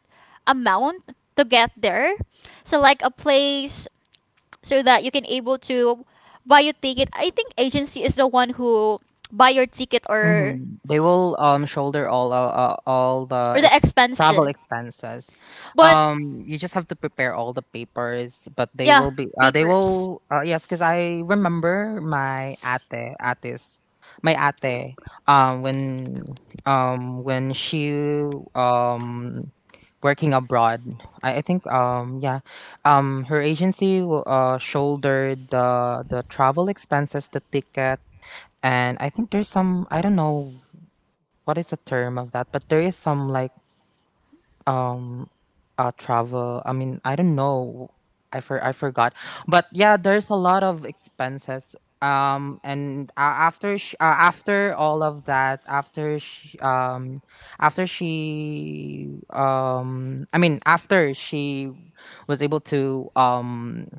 S2: amount to get there, so like a place so that you can able to buy your ticket. I think agency is the one who buy your ticket
S1: Hmm. They will shoulder, all
S2: or
S1: the
S2: the expense
S1: travel
S2: then.
S1: expenses.
S2: But
S1: You just have to prepare all the papers, but they
S2: yeah,
S1: will be they
S2: papers.
S1: will yes, because I remember my ate ates my ate um when when she um working abroad, I think, her agency shouldered the travel expenses, the ticket, and I think there's some, I don't know what is the term of that, but there is some like, um travel. I mean, I don't know. I forgot. But yeah, there's a lot of expenses. And, after all of that, after she I mean after she was able to, um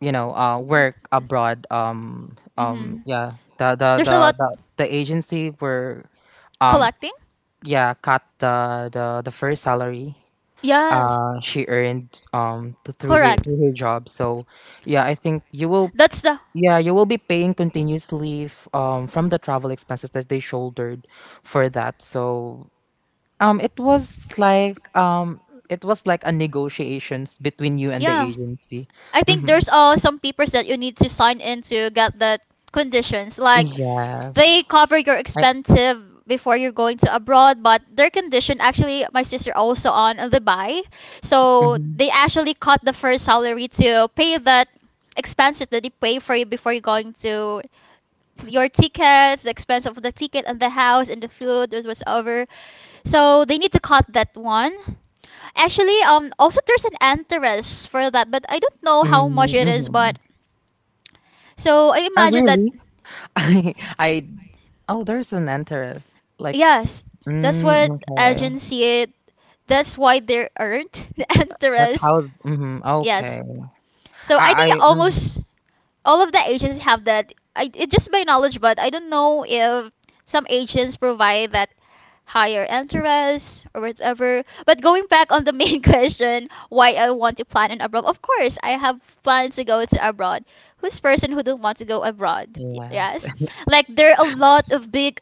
S1: you know uh work abroad, um
S2: Mm-hmm.
S1: yeah the the
S2: There's a
S1: the
S2: lot.
S1: the, the agency were, um
S2: Collecting.
S1: yeah cut the first salary
S2: Yes,
S1: she earned, through her
S2: correct.
S1: through her job. So, yeah, I think,
S2: That's the.
S1: you will be paying continuous leave from the travel expenses that they shouldered for that. So, it was like, a negotiations between you and the
S2: Yeah.
S1: agency.
S2: I think
S1: Hmm.
S2: there's some papers that you need to sign in to get the conditions. Like they
S1: Yes.
S2: cover your
S1: I.
S2: expensive before you're going to abroad but their condition, actually my sister also on the buy, so
S1: Mhm.
S2: they actually cut the first salary to pay that expenses that they pay for you before you're going to your tickets. The expense of the ticket and the house and the food was so they need to cut that one. Actually also there's an interest for that but I don't know how much
S1: Mm,
S2: it is but
S1: mhm.
S2: so I
S1: Oh,
S2: imagine that.
S1: really? I, I, oh, there's an interest. Like,
S2: Yes, that's
S1: mm,
S2: what
S1: okay.
S2: agency. That's why there aren't the
S1: That's
S2: interest.
S1: how, mm-hmm,
S2: Yes,
S1: okay.
S2: so I think
S1: Mhm.
S2: almost all of the agents have that. I, it just by knowledge, but I don't know if some agents provide that higher interest or whatever. But going back on the main question, why I want to plan an abroad? Of course, I have plans to go to abroad. Who's person who don't want to go abroad? Y-
S1: Yes.
S2: Yes, like there are a lot of big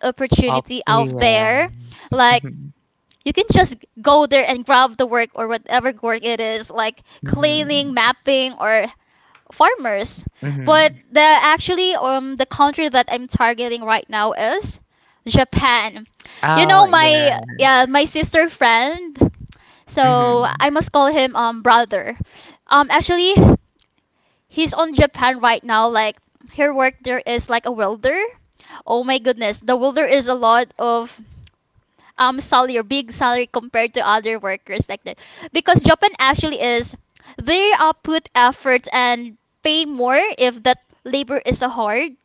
S1: Up,
S2: opportunity out there.
S1: yes.
S2: Like
S1: Mm-hmm,
S2: you can just go there and grab the work or whatever work it is, like
S1: mm-hmm,
S2: cleaning, mapping, or farmers.
S1: mm-hmm.
S2: But the actually the country that I'm targeting right now is Japan. You
S1: Oh,
S2: know my
S1: yeah.
S2: yeah my sister friend. So
S1: Mm-hmm,
S2: I must call him brother. Actually he's on Japan right now. Like her work there is like a welder. Oh my goodness, the welder is a lot of salary or big salary compared to other workers like that because Japan actually is they put effort and pay more if that labor is a hard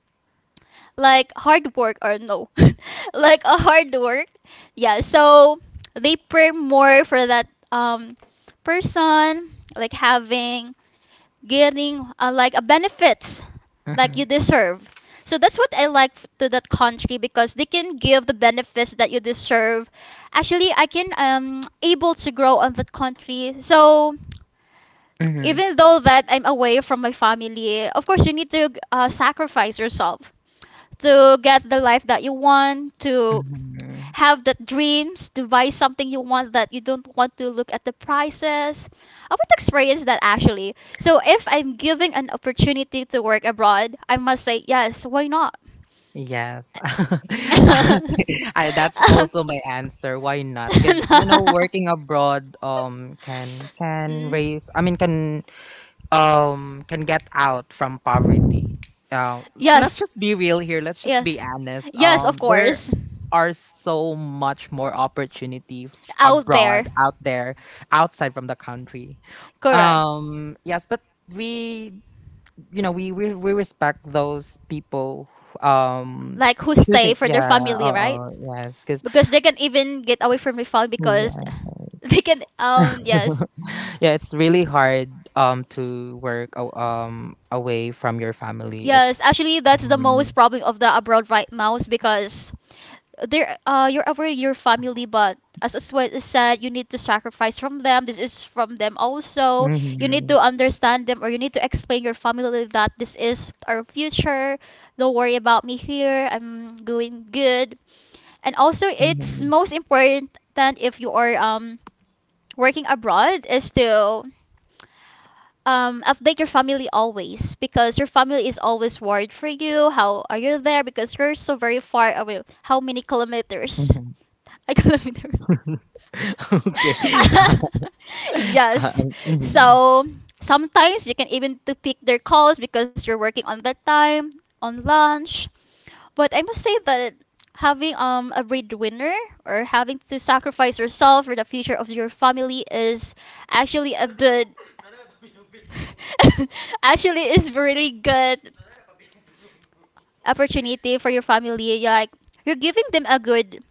S2: like hard work or no like a hard work yeah so they pay more for that person like having getting like a benefits like
S1: mm-hmm,
S2: you deserve. So that's what I like to that country because they can give the benefits that you deserve. Actually, I can able to grow on that country. So
S1: mm-hmm,
S2: even though that I'm away from my family, of course you need to sacrifice yourself to get the life that you want, to
S1: mm-hmm.
S2: have the dreams, to buy something you want that you don't want to look at the prices. I would experience that actually. So if I'm giving an opportunity to work abroad, I must say yes, why not?
S1: Yes. Honestly, that's also my answer. Why not? Because, working abroad can raise, I mean, can get out from poverty. Uh, let's
S2: Yes.
S1: just be real here. Let's just
S2: Yeah,
S1: be honest.
S2: yes, of
S1: There
S2: course.
S1: are so much more opportunity
S2: Out there.
S1: abroad, out there, outside from the country.
S2: Correct.
S1: Yes, but we, we respect those people who,
S2: Like who stay
S1: choosing,
S2: for
S1: yeah,
S2: their family,
S1: uh,
S2: right?
S1: uh, yes, because
S2: Because they can even get away from the family because
S1: yeah.
S2: they can yes.
S1: Yeah, it's really hard to work, away from your family.
S2: Yes,
S1: It's.
S2: actually that's the
S1: Mhm.
S2: most problem of the abroad right now is because there you're aware your family, but as what is said, you need to sacrifice from them. This is from them also. You need
S1: Mhm.
S2: to understand them, or you need to explain your family that this is our future. Don't worry about me here, I'm doing good. And also it's
S1: Mhm.
S2: most important if you are working abroad is to update your family always, because your family is always worried for you. How are you there? Because you're so very far away. How many kilometers?
S1: Mhm.
S2: I kilometer.
S1: Okay. Uh,
S2: yes.
S1: mhm.
S2: So sometimes you can even to pick their calls because you're working on that time on lunch. But I must say that having a breadwinner or having to sacrifice yourself for the future of your family is actually a good actually is really good opportunity for your family. You're like you're giving them a good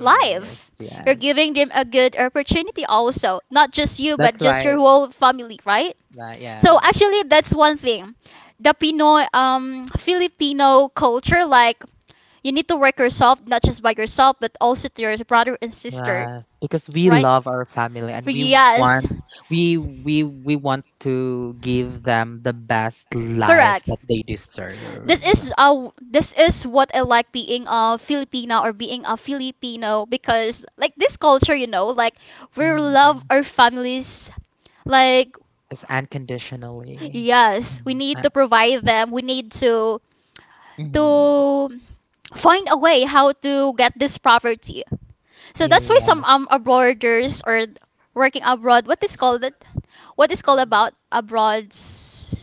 S2: life. You're
S1: yes.
S2: giving them a good opportunity also. Not just you, but
S1: That's
S2: just
S1: why
S2: your whole family, right?
S1: that,
S2: So
S1: yes.
S2: actually that's one thing. The Pinoy, Filipino culture, like you need to work yourself, not just by yourself, but also to your brother and sister,
S1: Yes, because we
S2: right?
S1: love our family,
S2: For
S1: and
S2: yes,
S1: want we want to give them the best life
S2: correct.
S1: that they deserve.
S2: This is what I like being a Filipina or being a Filipino, because like this culture, you know, like we love
S1: Mm.
S2: our families. Like
S1: It's unconditionally.
S2: yes, we
S1: Mhm.
S2: need to provide them. We need
S1: Mhm.
S2: to find a way how to get this property. So that's why
S1: Yeah.
S2: some abroaders or working abroad, what is called it, what is called about abroads?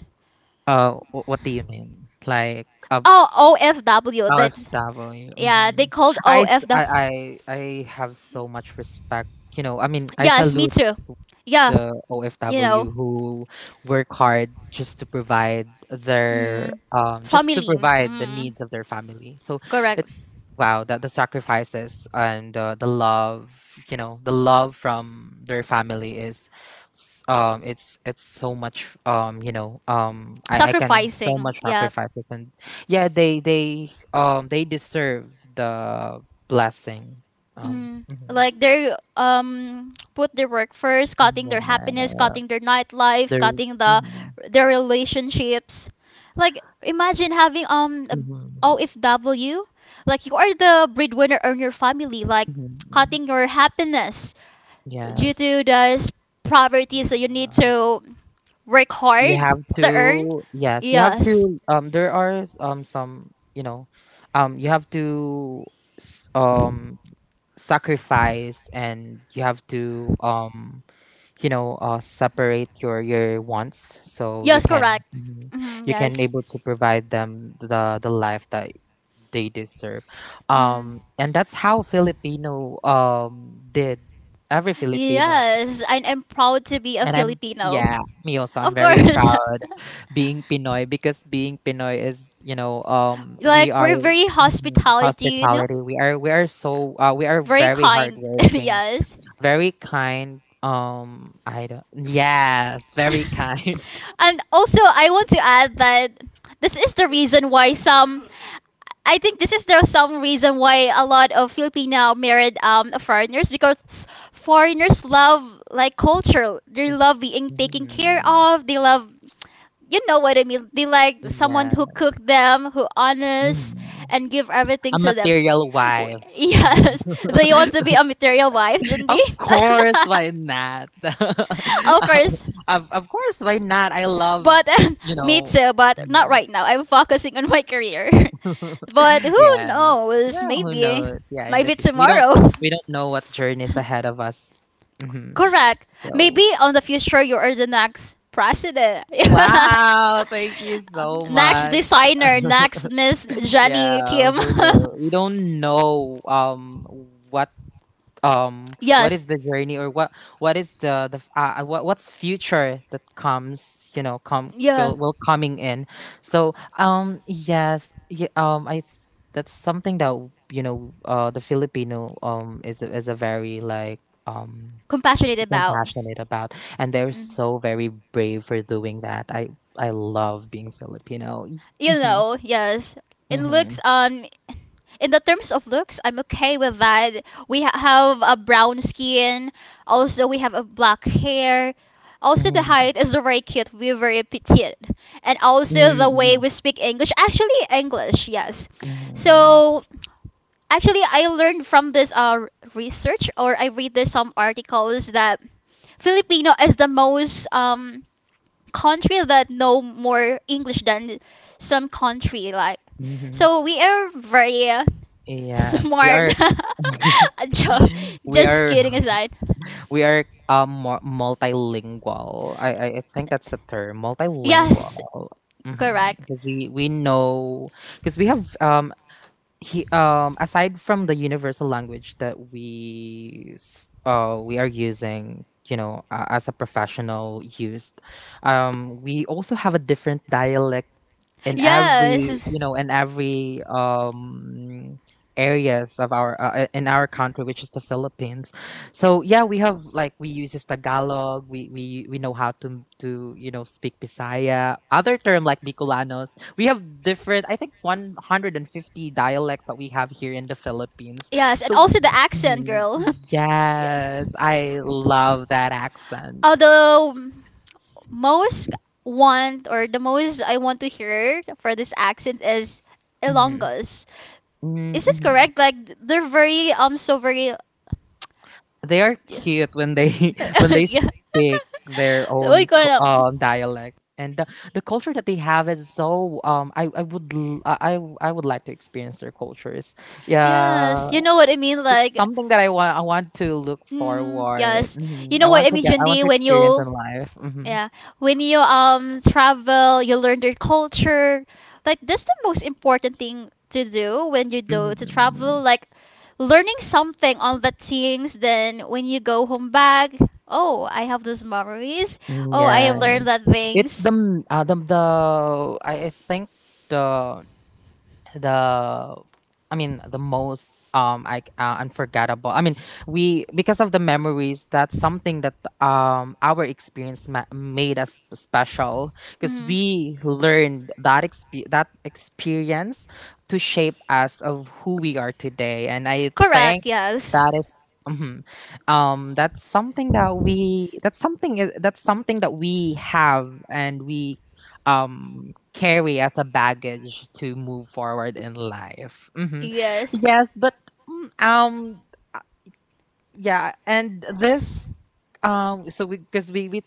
S1: What do you mean? Like a
S2: Oh, OFW. That's
S1: OFW?
S2: yeah, they
S1: Mhm.
S2: called
S1: I, s-
S2: OFW.
S1: I have so much respect. You know, I mean, I
S2: Yes, me
S1: salute
S2: too. Yeah,
S1: the
S2: you know,
S1: OFW who work hard, just to provide
S2: mm, family.
S1: the
S2: Mm,
S1: needs of their family. So,
S2: correct.
S1: it's wow that the sacrifices and, the love, the love from their family is, it's so much, I can so
S2: Sacrificing.
S1: much
S2: Yeah.
S1: sacrifices, and yeah, they deserve the blessing.
S2: Mm,
S1: Mhm.
S2: like they put their work first, cutting their happiness,
S1: Yeah,
S2: cutting their
S1: they
S2: nightlife,
S1: are.
S2: cutting the their relationships. Like imagine having a
S1: Mhm,
S2: OFW, like you are the breadwinner in your family, like
S1: mhm.
S2: cutting your happiness due
S1: Yes.
S2: to this poverty, so you need
S1: Yeah.
S2: to work
S1: You
S2: hard
S1: have
S2: to earn.
S1: to, yes, you have
S2: Yes,
S1: to, there are some, you have to, s- um sacrifice, and you have to, separate your wants, so you
S2: yes,
S1: can,
S2: correct.
S1: mhm,
S2: Hmm,
S1: you can
S2: yes.
S1: able to provide them the life that they deserve,
S2: Mm.
S1: and that's how Filipino, did every Filipino.
S2: Yes, and I'm proud to be a
S1: And I'm,
S2: Filipino.
S1: yeah, me also. I'm
S2: Of
S1: very
S2: course.
S1: proud being Pinoy, because being Pinoy is, we
S2: like
S1: are,
S2: we're very
S1: mhm,
S2: hospitality, you know?
S1: hospitality. We are
S2: Very
S1: very
S2: kind.
S1: hardworking,
S2: yes.
S1: very kind. I don't, yes, very kind.
S2: and also, I want to add that this is the reason why some. I think this is the some reason why a lot of Filipino married foreigners, because foreigners love like culture. They love being taken care
S1: Mhm.
S2: of. They love you know what I mean. They like someone
S1: Yeah.
S2: who cook them, who honest,
S1: Mhm.
S2: and give everything
S1: A
S2: to them.
S1: material
S2: Oh,
S1: wife. Mhm.
S2: yes, they want to be a material wife, Jundi.
S1: Of course, why not?
S2: of course.
S1: Of course, why not? I love,
S2: But
S1: you
S2: me
S1: know.
S2: too. But not
S1: Mm-hmm.
S2: right now. I'm focusing on my career. But who
S1: Yes.
S2: knows?
S1: Yeah, who
S2: Maybe,
S1: knows? Yeah, in the
S2: maybe
S1: future. We don't
S2: tomorrow.
S1: we don't know what journey is ahead of us. Hmm.
S2: Correct.
S1: So,
S2: Maybe on the future you are the next president.
S1: wow, thank you so
S2: Next
S1: much.
S2: designer, next Miss
S1: Yeah,
S2: Jenny Kim.
S1: who knows? We don't know what what
S2: yes.
S1: is the journey or what is the f- what what's future that comes come
S2: Yeah.
S1: will, will coming in. So yeah, that's something that the filipino is a very like um
S2: Compassionate about.
S1: compassionate about. And they're
S2: Mm.
S1: so very brave for doing that. I love being filipino.
S2: You
S1: Mhm,
S2: know, yes. In
S1: mhm,
S2: looks, in the terms of looks, I'm okay with that. We ha- have a brown skin. Also, we have a black hair. Also, the
S1: mhm,
S2: height is very cute. We're very petite. And also, the way
S1: mhm,
S2: we speak English. Actually, English, yes.
S1: mhm,
S2: So, actually, I learned from this research, or I read this some articles that Filipino is the most country that know more English than some country like.
S1: mhm, mhm.
S2: So we are very
S1: Yes, we
S2: smart.
S1: are
S2: Jo-
S1: we
S2: just
S1: are
S2: kidding aside.
S1: multilingual. I think that's the term,
S2: Yes,
S1: multilingual. Mm-hmm.
S2: correct.
S1: Because we know because we have he aside from the universal language that we are using as a professional used. We also have a different dialect in
S2: Yes.
S1: every areas of our country, which is the philippines. So yeah, we have like we use this tagalog. We know how to speak bisaya, other term like bicolanos. We have different, I think, 150 dialects that we have here in the philippines.
S2: Yes, and
S1: So
S2: also the accent,
S1: Mhm.
S2: girl. yeah.
S1: yes, I love that accent.
S2: Although most want or the most I want to hear for this accent is
S1: Mhm.
S2: Ilonggos.
S1: Mm,
S2: Is it
S1: mhm.
S2: correct? Like they're very so very
S1: They are
S2: yeah.
S1: cute when they when they speak their
S2: Uy,
S1: own
S2: ko alam.
S1: dialect. And the culture that they have is so I would l- I would like to experience their cultures. Yeah,
S2: Yes, you know what I mean. Like,
S1: something that I want to look
S2: mm,
S1: forward.
S2: yes, you
S1: Mhm.
S2: know what I mean,
S1: I want
S2: Jundi.
S1: to
S2: When
S1: experience in
S2: you
S1: life.
S2: yeah, when you travel, you learn their culture. Like that's the most important thing to do when you do to travel. Like learning something on the things. Then when you go home back, oh, I have those memories.
S1: Mm,
S2: Oh, I
S1: yeah,
S2: have learned that
S1: it's
S2: things.
S1: the m- the I think the the I mean the most unforgettable, I mean we because of the memories. That's something that our made us special, because
S2: Hmm.
S1: we learned that that experience to shape us of who we are today. And I thank
S2: Correct. Yes.
S1: that is mhm. That's something that's something that we have and we carry as a baggage to move forward in life.
S2: Yes.
S1: Yes, but mm, um uh, yeah. And this so we because we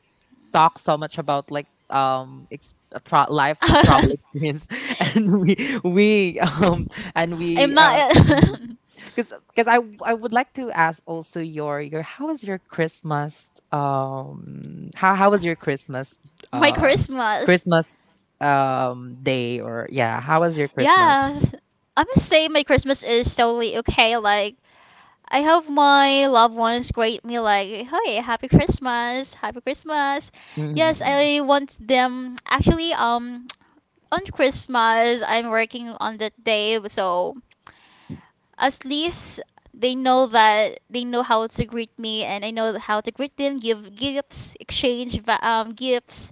S1: talk so much about like life travel experience. And we and
S2: I'm
S1: we
S2: not
S1: mm-hmm, because I would like to ask also your how was your Christmas, how was your Christmas,
S2: my
S1: uh
S2: Christmas.
S1: Christmas day, or yeah, how was your Christmas?
S2: Yeah, I must say my Christmas is totally okay. Like I hope my loved ones greet me like, "Hey, happy Christmas, happy Christmas." Yes,
S1: Mhm.
S2: I want them actually on Christmas I'm working on that day, so at least they know that they know how to greet me and I know how to greet them, give gifts, exchange va- gifts.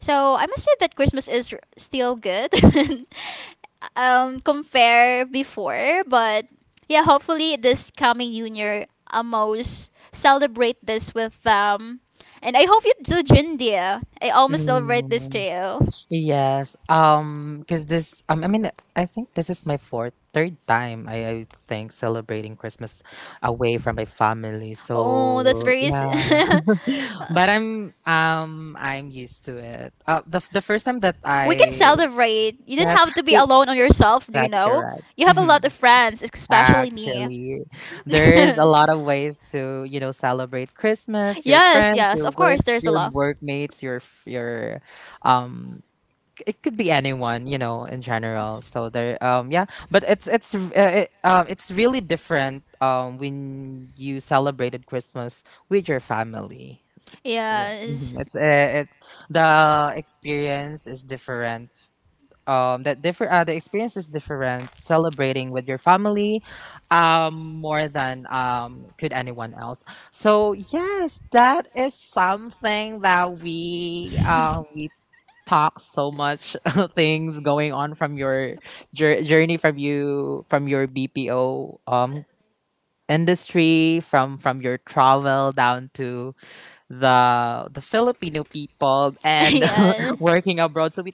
S2: So I must say that Christmas is r- still good compare before, but yeah, hopefully this coming junior almost celebrate this with them. And I hope you do, Jindia. I almost celebrate this to
S1: Mm,
S2: you.
S1: yes, because this I mean, I think this is my fourth third time, I think, celebrating Christmas away from my family.
S2: Oh, that's
S1: So
S2: very. S-
S1: yeah. But I'm used to it.
S2: Uh,
S1: The first time that
S2: we can
S1: I
S2: celebrate. You don't
S1: Yes,
S2: have to be
S1: they-
S2: alone on yourself, you
S1: that's
S2: know?
S1: correct.
S2: You have a lot
S1: Mhm.
S2: of friends, especially me.
S1: Actually, there's a lot of ways to, you know, celebrate Christmas, your
S2: yes,
S1: friends,
S2: yes,
S1: your
S2: of course,
S1: work,
S2: there's a
S1: your
S2: lot.
S1: workmates, your um it could be anyone, you know, in general. So there yeah, but it's really different when you celebrated Christmas with your family. Yeah. Mhm.
S2: Yes.
S1: It's the experience is different that differ the experience is different celebrating with your family more than could anyone else. So yes, that is something that we talk so much things going on from your journey from your BPO industry, from your travel down to the Filipino people, and
S2: yeah.
S1: working abroad. So we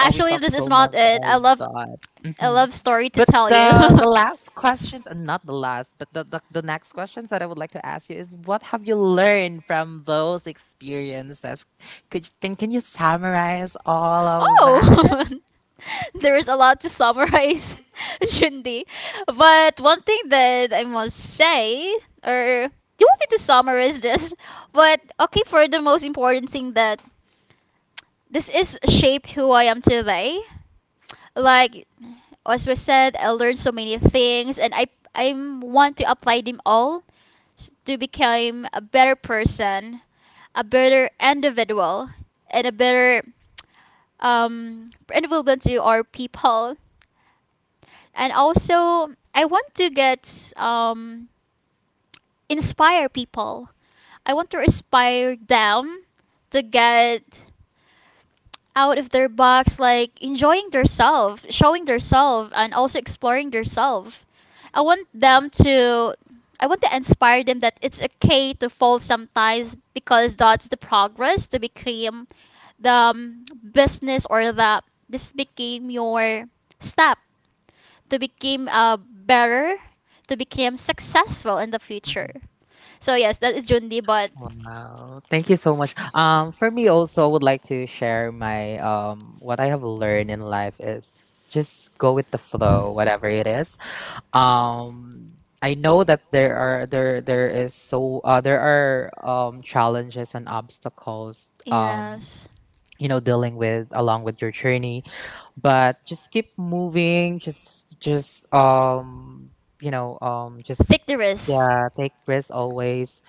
S1: Oh, we talked
S2: this
S1: so
S2: is not
S1: much
S2: it.
S1: all that.
S2: I
S1: hmm
S2: love story to
S1: But
S2: tell you.
S1: the last questions, and not the last, but the next questions that I would like to ask you is, what have you learned from those experiences? Could can you summarize all of that?
S2: oh. there is a lot to summarize, Jundi. But one thing that I must say, or you want me to summarize this? But okay, for the most important thing that this is shaped who I am today. Like as we said, I learned so many things, and I want to apply them all s- to become a better person, a better individual, and a better um, individual to our people and also I want to get inspire people. I want to inspire them to get out of their box, like enjoying themselves, showing themselves, and also exploring themselves. I want them to. I want to inspire them that it's okay to fall sometimes, because that's the progress to become the business or the this became your step to become better, to become successful in the future.
S1: Mhm.
S2: So yes, that is Jundi, but
S1: Wow. Thank you so much. For me also, I would like to share my what I have learned in life is just go with the flow, whatever it is. um I know that there is so there are challenges and obstacles,
S2: yes.
S1: you know, dealing with along with your journey. But just keep moving, just you know just
S2: Victorious.
S1: yeah take risks always,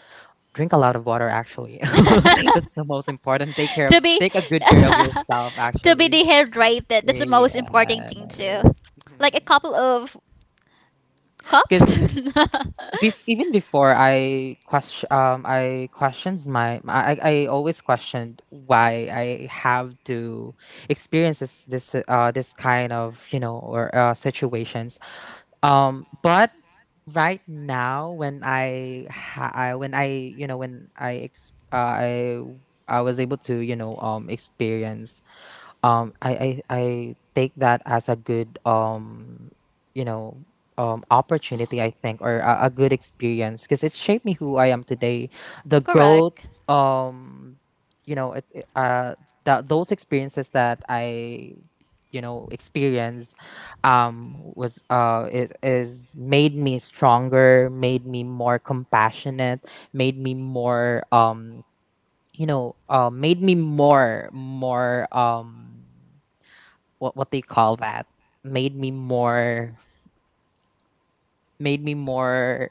S1: drink a lot of water actually. That's the most important.
S2: to be
S1: Take a good care of yourself
S2: to be
S1: actually.
S2: dehydrated. That's the most important thing too.
S1: Yes,
S2: Like a couple of cups.
S1: because bef- even before I question I questioned my I always questioned why I have to experience this this kind of, you know, or situations. But right now when I, ha- I when I, you know, when I ex- I was able to, you know, experience. Um I, I I take that as a good you know opportunity, I think, or a good experience, because it shaped me who I am today. The growth,
S2: Correct.
S1: um you know, that those experiences that I, you know, experienced, was it is made me stronger, made me more compassionate, made me more made me more more what they call that made me more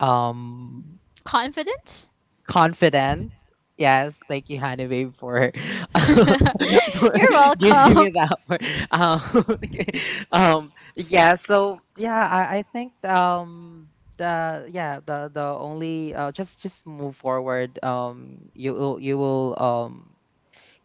S1: um
S2: Confident.
S1: confidence. Yes, thank you, Hanabe, for for
S2: You're
S1: giving
S2: welcome.
S1: me that word. Yeah, so yeah, I think the yeah, the only just move forward. You will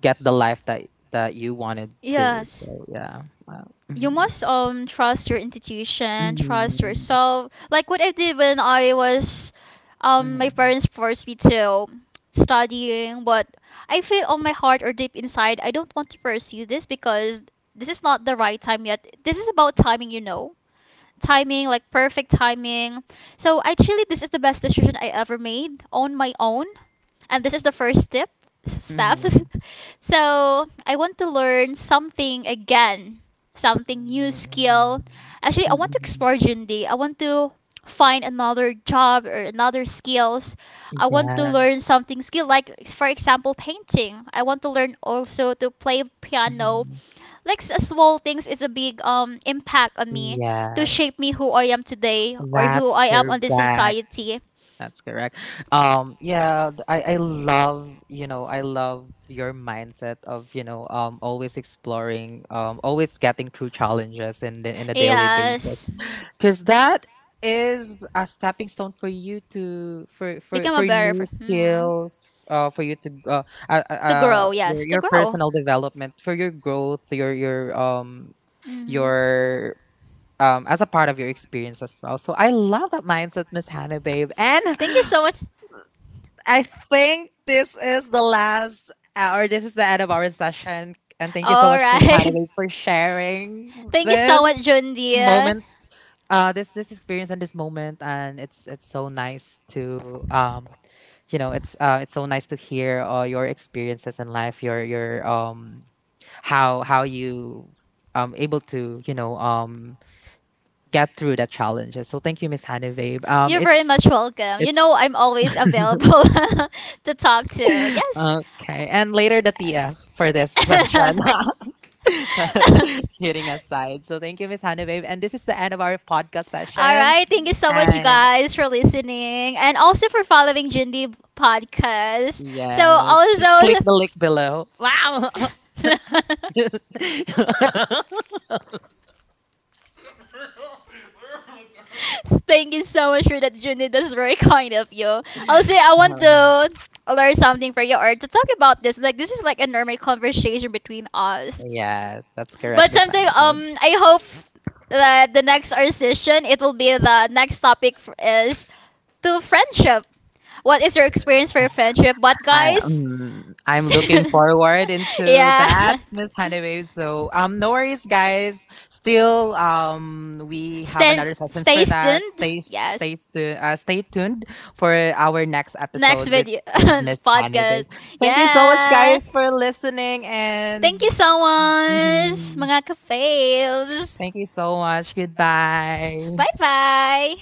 S1: get the life that you wanted to.
S2: Yes.
S1: So yeah. Wow.
S2: You
S1: Mhm.
S2: must trust your intuition, trust
S1: Mhm.
S2: yourself. Like what I did when I was my
S1: Mhm.
S2: parents forced me to studying, but I feel on my heart or deep inside I don't want to pursue this, because this is not the right time yet. This is about timing, you know, timing, like perfect timing. So actually, this is the best decision I ever made on my own, and this is the first step steps.
S1: Mhm.
S2: So I want to learn something again, something
S1: Mhm,
S2: new
S1: mhm,
S2: skill, actually I want to
S1: mhm.
S2: explore Day. I want to find another job or another skills. I want to
S1: Yeah.
S2: learn something skill, like for example painting. I want to learn also to play piano.
S1: Mhm.
S2: Like s- small things is a big impact on me to
S1: Yes,
S2: shape me who I am today or who
S1: that's
S2: I am on this
S1: correct.
S2: society.
S1: That's correct. Yeah, I love, you know, I love your mindset of, you know, always exploring, always getting through challenges in the, in a daily basis.
S2: Yes,
S1: Because that is a stepping stone for you to
S2: become a
S1: for
S2: better
S1: new
S2: person. Hmm.
S1: skills. For you to
S2: To grow, yes, to
S1: your
S2: grow.
S1: personal development, for your growth,
S2: Mhm.
S1: your as a part of your experience as well. So I love that mindset, Miss Hannah, babe. And
S2: Thank you so much.
S1: I think this is the last or this is the end of our session. And thank you so
S2: All
S1: much, Miss Hannah,
S2: right.
S1: babe, for sharing
S2: Thank you so much,
S1: this
S2: Jundia.
S1: moment, this this experience and this moment. And it's so nice to it's so nice to hear, your experiences in life, your how you able to, you know, get through the challenges. So thank you, Miss Hanivabe.
S2: You're very much
S1: It's
S2: welcome. You
S1: it's
S2: know, I'm always available to talk to. Yes.
S1: okay, and later the tf for this session. Just kidding aside. So thank you, Miss Hanivabe, and this is the end of our podcast
S2: All
S1: sessions.
S2: right. Thank you so much,
S1: And
S2: guys, for listening, and also for following Jindy podcast. So,
S1: Yes. Just click
S2: also.
S1: the link below. Wow.
S2: Thank you so much for that, Junid. That's very kind of you. Also, I want to learn something for you or to talk about this. Like, this is like a normal conversation between us.
S1: Yes, that's correct,
S2: But
S1: Miss
S2: sometime,
S1: Annabelle.
S2: I hope that the next our session, it will be the next topic f- is to friendship. What is your
S1: Sure.
S2: experience for your friendship? But
S1: I,
S2: guys,
S1: I'm looking forward into that,
S2: yeah.
S1: Miss Honeywave. So, no worries, guys. Still, we have
S2: Stand,
S1: another sessions for
S2: stay
S1: that.
S2: tuned. Yes.
S1: Stay tuned for our next
S2: Next
S1: episode with
S2: video
S1: Miss Honeywave.
S2: podcast.
S1: Thank you so much,
S2: Yeah.
S1: guys, for listening
S2: Thank
S1: and.
S2: you so much,
S1: Mhm.
S2: mga ka
S1: Thank you so much. Goodbye.
S2: bye bye.